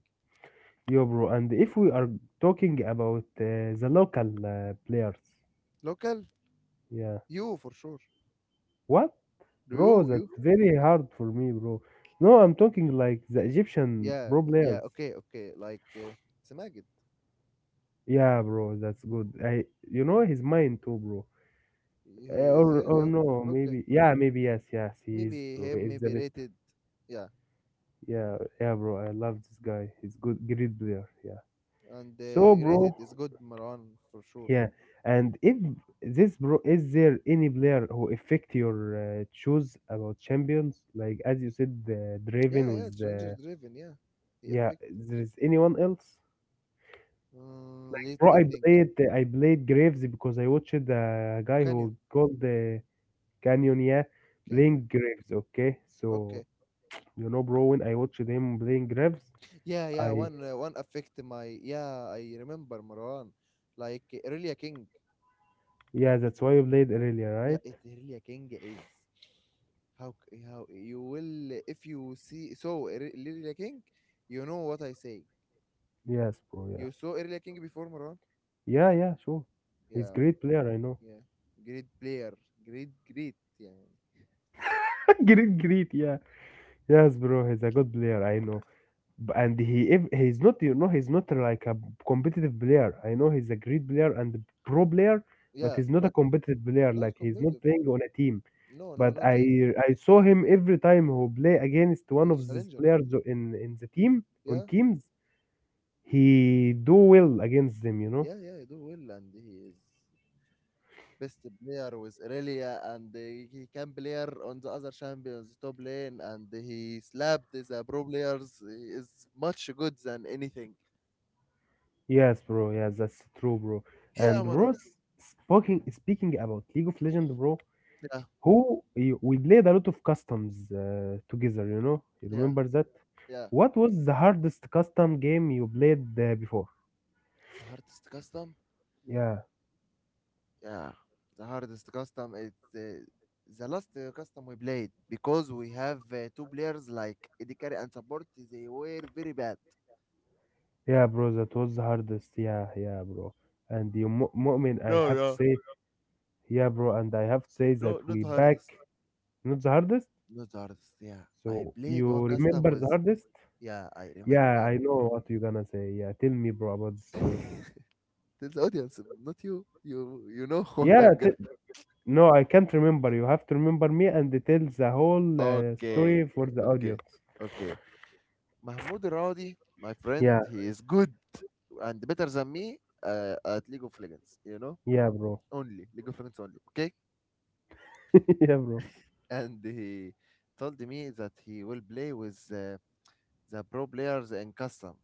[SPEAKER 1] Yo, bro. And if we are talking about the local players,
[SPEAKER 2] Local,
[SPEAKER 1] yeah.
[SPEAKER 2] you for sure.
[SPEAKER 1] What?
[SPEAKER 2] Do
[SPEAKER 1] Bro,
[SPEAKER 2] you, you?
[SPEAKER 1] that's very hard for me, bro. No, I'm talking like the Egyptian
[SPEAKER 2] Yeah,
[SPEAKER 1] pro
[SPEAKER 2] yeah.
[SPEAKER 1] players.
[SPEAKER 2] Okay, okay. It's Magid.
[SPEAKER 1] Yeah, bro, that's good. I, you know, his mind too, bro.
[SPEAKER 2] He
[SPEAKER 1] Or
[SPEAKER 2] yeah,
[SPEAKER 1] or
[SPEAKER 2] yeah.
[SPEAKER 1] no,
[SPEAKER 2] Okay,
[SPEAKER 1] maybe. Yeah, maybe yes, yes. He is,
[SPEAKER 2] maybe
[SPEAKER 1] bro. He
[SPEAKER 2] him,
[SPEAKER 1] is the
[SPEAKER 2] maybe
[SPEAKER 1] best.
[SPEAKER 2] rated. Yeah,
[SPEAKER 1] Yeah, yeah, bro. I love this guy. He's good, great player. Yeah.
[SPEAKER 2] and
[SPEAKER 1] So,
[SPEAKER 2] rated
[SPEAKER 1] bro.
[SPEAKER 2] is good Marwan for sure.
[SPEAKER 1] Yeah, and if this bro, is there any player who affect your choose about champions? Like as you said,
[SPEAKER 2] Yeah,
[SPEAKER 1] Draven
[SPEAKER 2] yeah.
[SPEAKER 1] with
[SPEAKER 2] Challenger driven. Yeah, the
[SPEAKER 1] yeah.
[SPEAKER 2] effect.
[SPEAKER 1] There is anyone else?
[SPEAKER 2] Mm, let
[SPEAKER 1] Bro,
[SPEAKER 2] me
[SPEAKER 1] I
[SPEAKER 2] think.
[SPEAKER 1] played I played Graves because I watched a guy
[SPEAKER 2] Canyon,
[SPEAKER 1] who called the Canyon, yeah,
[SPEAKER 2] Canyon.
[SPEAKER 1] playing Graves. Okay, so
[SPEAKER 2] Okay.
[SPEAKER 1] you know, bro, when I watched him playing Graves,
[SPEAKER 2] Yeah, yeah.
[SPEAKER 1] I
[SPEAKER 2] One affect my. Yeah, I remember Marwan. Like Aurelia King.
[SPEAKER 1] yeah, that's why you played earlier,
[SPEAKER 2] Yeah,
[SPEAKER 1] right?
[SPEAKER 2] it really a king is how you will if you see so Irelia King, you know what I say.
[SPEAKER 1] Yes, bro. Yeah,
[SPEAKER 2] You saw Irelia King before Maran?
[SPEAKER 1] yeah, yeah. Sure, he's
[SPEAKER 2] Yeah,
[SPEAKER 1] great player. I know.
[SPEAKER 2] yeah. Great player, great, great. Yeah,
[SPEAKER 1] great, great. Yeah. Yes, bro, he's a good player. I know, and he if he's not, you know, he's not like a competitive player. I know he's a great player and a pro player, but
[SPEAKER 2] yeah,
[SPEAKER 1] he's not a
[SPEAKER 2] but
[SPEAKER 1] competitive player.
[SPEAKER 2] not
[SPEAKER 1] Like he's not
[SPEAKER 2] competitive.
[SPEAKER 1] playing on a team.
[SPEAKER 2] No, no,
[SPEAKER 1] But
[SPEAKER 2] no team.
[SPEAKER 1] I saw him every time who play against one of
[SPEAKER 2] He's
[SPEAKER 1] these
[SPEAKER 2] challenger.
[SPEAKER 1] players in the team on
[SPEAKER 2] Yeah,
[SPEAKER 1] teams. He do well against them, you know.
[SPEAKER 2] yeah, yeah. He do well, and he is. Best player with Irelia, and he can player on the other champions top lane, and he slapped the pro players. He is much good than anything.
[SPEAKER 1] Yes, bro. Yes, that's true, bro.
[SPEAKER 2] Yeah,
[SPEAKER 1] And bro,
[SPEAKER 2] Mara.
[SPEAKER 1] speaking about League of Legends, bro.
[SPEAKER 2] Yeah,
[SPEAKER 1] Who you, we played a lot of customs together, you know. You
[SPEAKER 2] yeah,
[SPEAKER 1] remember that?
[SPEAKER 2] yeah.
[SPEAKER 1] What was the hardest custom game you played before?
[SPEAKER 2] The hardest custom.
[SPEAKER 1] Yeah,
[SPEAKER 2] Yeah, the hardest custom. It's the last custom we played because we have two players like AD carry and support. They were very bad.
[SPEAKER 1] yeah, bro. That was the hardest. Yeah, yeah, bro. And you, Mu'min, I
[SPEAKER 2] No,
[SPEAKER 1] have to
[SPEAKER 2] no,
[SPEAKER 1] say, yeah, bro. And I have to say that
[SPEAKER 2] no, not
[SPEAKER 1] we
[SPEAKER 2] the
[SPEAKER 1] back
[SPEAKER 2] hardest.
[SPEAKER 1] not the hardest.
[SPEAKER 2] Not the hardest. Yeah, I
[SPEAKER 1] So
[SPEAKER 2] played
[SPEAKER 1] you
[SPEAKER 2] one custom
[SPEAKER 1] remember the
[SPEAKER 2] with.
[SPEAKER 1] hardest?
[SPEAKER 2] Yeah, I
[SPEAKER 1] Yeah,
[SPEAKER 2] remember.
[SPEAKER 1] I know what you're gonna say. Yeah, tell me, bro, about the story.
[SPEAKER 2] Tell the audience, not you. You know what
[SPEAKER 1] Yeah,
[SPEAKER 2] I'm gonna.
[SPEAKER 1] t- no, I can't remember. You have to remember me and tell the whole story
[SPEAKER 2] Okay,
[SPEAKER 1] for the
[SPEAKER 2] okay,
[SPEAKER 1] audience.
[SPEAKER 2] okay. Mahmoud Radi, my friend,
[SPEAKER 1] Yeah.
[SPEAKER 2] he is good and better than me at League of Legends. You know,
[SPEAKER 1] Yeah, bro.
[SPEAKER 2] only League of Legends only. Okay,
[SPEAKER 1] yeah, bro.
[SPEAKER 2] and he told me that he will play with the pro players in custom.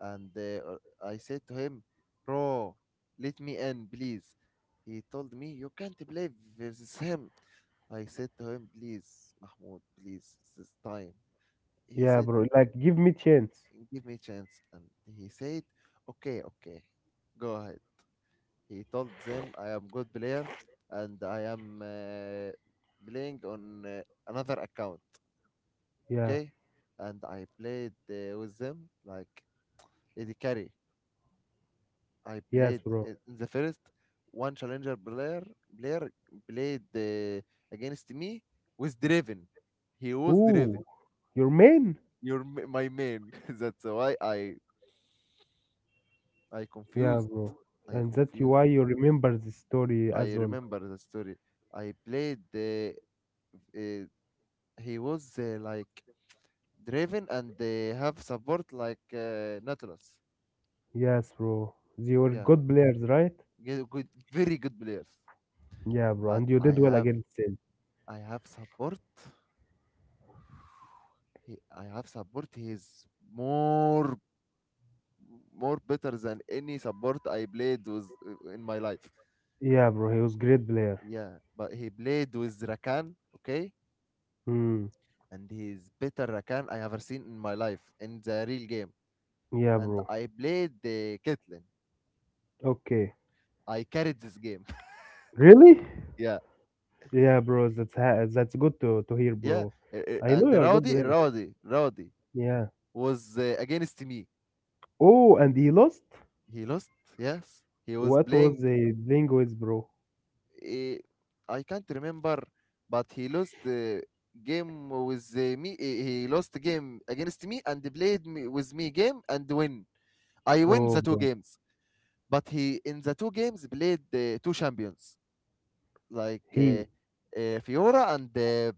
[SPEAKER 2] And I said to him, bro, let me in, please. He told me you can't play versus him. I said to him, please, Mahmoud, please, it's this time. He
[SPEAKER 1] Yeah,
[SPEAKER 2] said,
[SPEAKER 1] bro. Like, give me chance.
[SPEAKER 2] give me a chance. And he said, okay, okay, go ahead. He told them, I am good player and I am playing on another account,
[SPEAKER 1] Yeah.
[SPEAKER 2] okay? And I played with them like Eddie Carry. I
[SPEAKER 1] Yes,
[SPEAKER 2] played
[SPEAKER 1] bro.
[SPEAKER 2] in the first one challenger player played against me with Draven. He was
[SPEAKER 1] Ooh,
[SPEAKER 2] Draven.
[SPEAKER 1] your man.
[SPEAKER 2] You're my man. That's why I
[SPEAKER 1] Yeah,
[SPEAKER 2] confused.
[SPEAKER 1] bro.
[SPEAKER 2] I
[SPEAKER 1] And that's
[SPEAKER 2] confused.
[SPEAKER 1] why you remember the story
[SPEAKER 2] I
[SPEAKER 1] as well.
[SPEAKER 2] remember the story. I played the. Uh, he was like Draven and they have support like Nautilus.
[SPEAKER 1] Yes, bro. They were
[SPEAKER 2] Yeah,
[SPEAKER 1] good players, right?
[SPEAKER 2] good, good, very good players.
[SPEAKER 1] Yeah, bro.
[SPEAKER 2] But
[SPEAKER 1] And you did well against him.
[SPEAKER 2] I have support. He, I have support. He is more more better than any support I played with in my life.
[SPEAKER 1] Yeah, bro. He was great player.
[SPEAKER 2] Yeah, but he played with Rakan. Okay,
[SPEAKER 1] Hmm.
[SPEAKER 2] and he's better Rakan I ever seen in my life in the real game.
[SPEAKER 1] Yeah,
[SPEAKER 2] And
[SPEAKER 1] bro.
[SPEAKER 2] I played the Caitlyn.
[SPEAKER 1] Okay.
[SPEAKER 2] I carried this game.
[SPEAKER 1] Really?
[SPEAKER 2] Yeah,
[SPEAKER 1] Yeah, bro. That's that's good to hear,
[SPEAKER 2] yeah.
[SPEAKER 1] bro. I know
[SPEAKER 2] And
[SPEAKER 1] you're a good player.
[SPEAKER 2] Rowdy
[SPEAKER 1] Yeah.
[SPEAKER 2] was against me.
[SPEAKER 1] Oh, and he lost.
[SPEAKER 2] He lost. Yes, he was
[SPEAKER 1] What was
[SPEAKER 2] playing.
[SPEAKER 1] he playing with, bro?
[SPEAKER 2] Uh, I can't remember, but he lost the game with me. He lost the game against me and played me with me game and win. I win
[SPEAKER 1] Oh,
[SPEAKER 2] the two
[SPEAKER 1] bro.
[SPEAKER 2] games. But he in the two games played the two champions like
[SPEAKER 1] He,
[SPEAKER 2] Fiora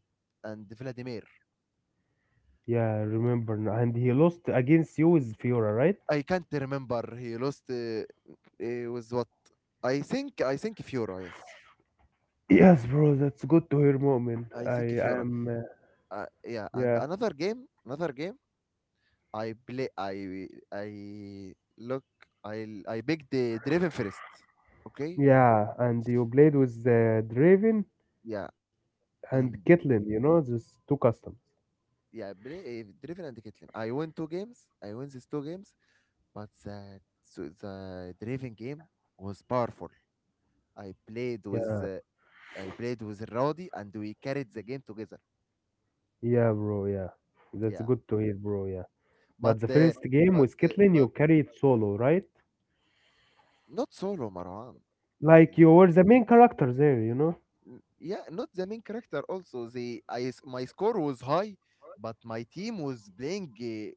[SPEAKER 2] and Vladimir.
[SPEAKER 1] yeah, I remember, now. And he lost against you with Fiora, right?
[SPEAKER 2] I can't remember he lost with what. I think Fiora. Yes,
[SPEAKER 1] Yes, bro, that's good to hear, Mu'min.
[SPEAKER 2] I think
[SPEAKER 1] I
[SPEAKER 2] Fiora.
[SPEAKER 1] am,
[SPEAKER 2] Yeah, and
[SPEAKER 1] yeah.
[SPEAKER 2] another game I play I I look I picked the Draven first, okay,
[SPEAKER 1] Yeah, and you played with Draven
[SPEAKER 2] yeah,
[SPEAKER 1] and
[SPEAKER 2] and
[SPEAKER 1] Caitlyn, you know, these two customs.
[SPEAKER 2] yeah play, Driven and Caitlyn. I won two games. I won these two games. But the, so the Draven game was powerful. I played with
[SPEAKER 1] Yeah,
[SPEAKER 2] Rodi and we carried the game together.
[SPEAKER 1] yeah, bro, yeah. That's
[SPEAKER 2] Yeah,
[SPEAKER 1] good to hear, bro, yeah. But
[SPEAKER 2] but
[SPEAKER 1] the first game with Caitlyn, you
[SPEAKER 2] but
[SPEAKER 1] carried solo, right?
[SPEAKER 2] not solo Marwan.
[SPEAKER 1] Like
[SPEAKER 2] N-
[SPEAKER 1] you were the main character there, you know?
[SPEAKER 2] Yeah, not the main character. Also, the my score was high, but my team was playing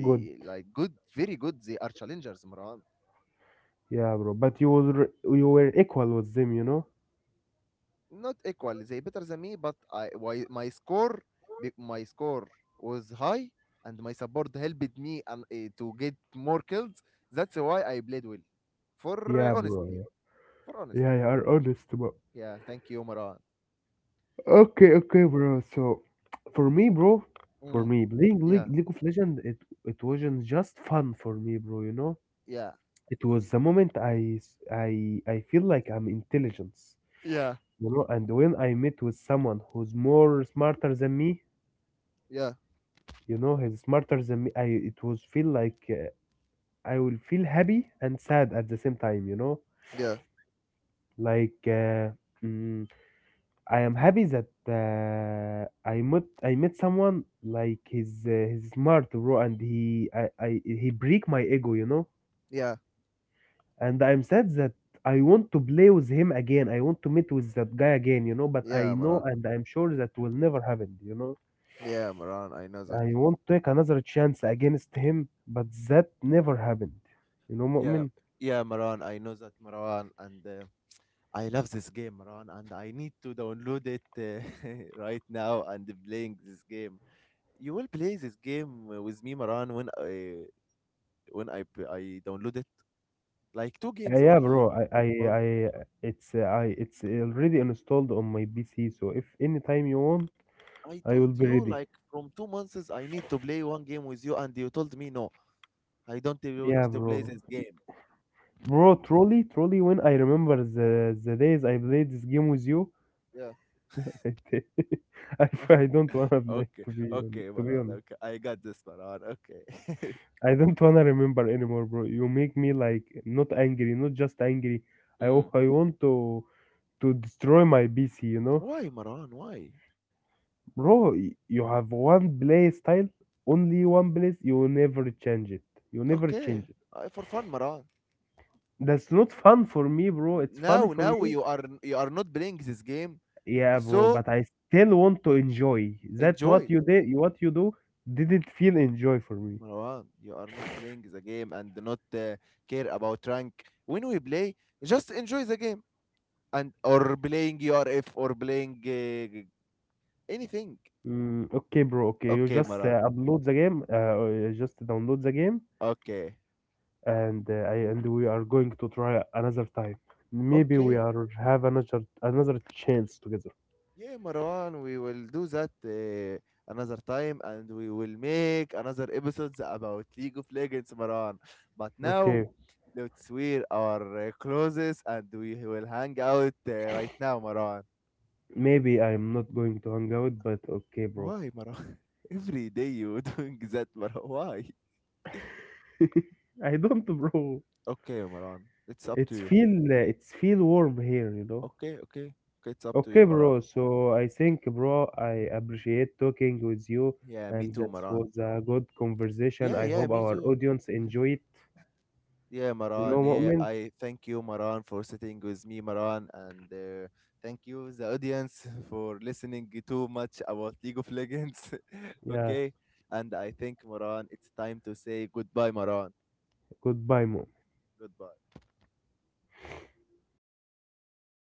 [SPEAKER 1] Good.
[SPEAKER 2] like good, very good. They are challengers, Marwan.
[SPEAKER 1] Yeah, bro. But you were equal with them, you know?
[SPEAKER 2] Not equal, they better than me, but I why my my score was high and my support helped me and to get more kills. That's why I played well, for
[SPEAKER 1] Yeah, bro,
[SPEAKER 2] honestly, for
[SPEAKER 1] yeah.
[SPEAKER 2] honest.
[SPEAKER 1] Yeah, you are honest, bro.
[SPEAKER 2] Yeah, thank you, Maran.
[SPEAKER 1] Okay, okay, bro. So, for me, bro, for
[SPEAKER 2] mm,
[SPEAKER 1] me, playing
[SPEAKER 2] yeah
[SPEAKER 1] League of Legends, it wasn't just fun for me, bro. You know,
[SPEAKER 2] yeah
[SPEAKER 1] it was the moment I feel like I'm intelligence,
[SPEAKER 2] yeah
[SPEAKER 1] you know. And when I met with someone who's more smarter than me,
[SPEAKER 2] yeah
[SPEAKER 1] you know, he's smarter than me. I it was feel like I will feel happy and sad at the same time, you know,
[SPEAKER 2] yeah
[SPEAKER 1] like. I am happy that I met someone like he's smart bro and he I he break my ego, you know,
[SPEAKER 2] yeah
[SPEAKER 1] and I'm sad that I want to play with him again. I want to meet with that guy again, you know, but I
[SPEAKER 2] yeah,
[SPEAKER 1] know
[SPEAKER 2] Maran.
[SPEAKER 1] and I'm sure that will never happen, you know.
[SPEAKER 2] Yeah maran I know that
[SPEAKER 1] I want to take another chance against him but that never happened, you know,
[SPEAKER 2] Yeah,
[SPEAKER 1] Mu'min.
[SPEAKER 2] yeah, Maran, I know that, Maran. And I love this game, Ron, and I need to download it right now and playing this game. You will play this game with me, Maran, when I downloaded like two games
[SPEAKER 1] Yeah
[SPEAKER 2] only,
[SPEAKER 1] bro I I,
[SPEAKER 2] or
[SPEAKER 1] I it's I it's already installed on my PC so if any time you want
[SPEAKER 2] I
[SPEAKER 1] I will
[SPEAKER 2] told
[SPEAKER 1] be
[SPEAKER 2] you
[SPEAKER 1] ready.
[SPEAKER 2] like from 2 months I need to play one game with you, and you told me no, I don't even want
[SPEAKER 1] Yeah,
[SPEAKER 2] to play
[SPEAKER 1] bro.
[SPEAKER 2] this game.
[SPEAKER 1] Bro, truly, truly, when I remember the days I played this game with you,
[SPEAKER 2] Yeah.
[SPEAKER 1] I, I I don't wanna play
[SPEAKER 2] Okay.
[SPEAKER 1] to be honest,
[SPEAKER 2] Okay,
[SPEAKER 1] to be
[SPEAKER 2] Maran.
[SPEAKER 1] honest.
[SPEAKER 2] Okay, I got this, Maran. Okay.
[SPEAKER 1] I don't wanna remember anymore, bro. You make me like not angry, not just angry.
[SPEAKER 2] Mm.
[SPEAKER 1] I want to destroy my PC, you know,
[SPEAKER 2] Why, Maran? Why?
[SPEAKER 1] bro. You have one play style, only one place. You will never change it. You never
[SPEAKER 2] Okay,
[SPEAKER 1] change it.
[SPEAKER 2] for fun, Maran.
[SPEAKER 1] That's not fun for me, bro. It's funny
[SPEAKER 2] Now,
[SPEAKER 1] for you.
[SPEAKER 2] you are not playing this game,
[SPEAKER 1] Yeah, bro,
[SPEAKER 2] so
[SPEAKER 1] but I still want to enjoy. That what
[SPEAKER 2] enjoy.
[SPEAKER 1] you did, what you do, didn't feel enjoy for me.
[SPEAKER 2] Marwan, you are not playing the game and not care about rank. When we play, just enjoy the game and or playing URF or playing anything.
[SPEAKER 1] Mm, okay, bro. Okay, you
[SPEAKER 2] Okay,
[SPEAKER 1] just
[SPEAKER 2] Marwan.
[SPEAKER 1] upload the game. Or you just download the game,
[SPEAKER 2] Okay,
[SPEAKER 1] and I and we are going to try another time. Maybe we
[SPEAKER 2] okay.
[SPEAKER 1] are have another another chance together.
[SPEAKER 2] Yeah, Marwan, we will do that another time and we will make another episodes about League of Legends, Marwan. But now,
[SPEAKER 1] Okay,
[SPEAKER 2] let's wear our clothes and we will hang out right now, Marwan.
[SPEAKER 1] maybe I'm not going to hang out, but okay, bro.
[SPEAKER 2] Why, Maran? Every day you doing that, Maran. Why?
[SPEAKER 1] I don't, bro.
[SPEAKER 2] Okay, Maran. It's up to you.
[SPEAKER 1] It's feel warm here, you know.
[SPEAKER 2] Okay, okay. Okay, it's up to you,
[SPEAKER 1] Okay,
[SPEAKER 2] Maran.
[SPEAKER 1] bro. So I think, bro, I appreciate talking with you,
[SPEAKER 2] Yeah, me
[SPEAKER 1] and
[SPEAKER 2] too,
[SPEAKER 1] that
[SPEAKER 2] Maran.
[SPEAKER 1] was a good conversation.
[SPEAKER 2] Yeah,
[SPEAKER 1] I
[SPEAKER 2] yeah,
[SPEAKER 1] hope
[SPEAKER 2] me
[SPEAKER 1] our
[SPEAKER 2] too.
[SPEAKER 1] audience enjoy it.
[SPEAKER 2] Yeah,
[SPEAKER 1] You know,
[SPEAKER 2] Maran. Yeah,
[SPEAKER 1] Mu'min?
[SPEAKER 2] I thank you, Maran, for sitting with me, Maran. And thank you, the audience, for listening too much about League of Legends.
[SPEAKER 1] Yeah.
[SPEAKER 2] Okay. And I think, Maran, it's time to say goodbye, Maran.
[SPEAKER 1] Goodbye, Mu'min.
[SPEAKER 2] Goodbye.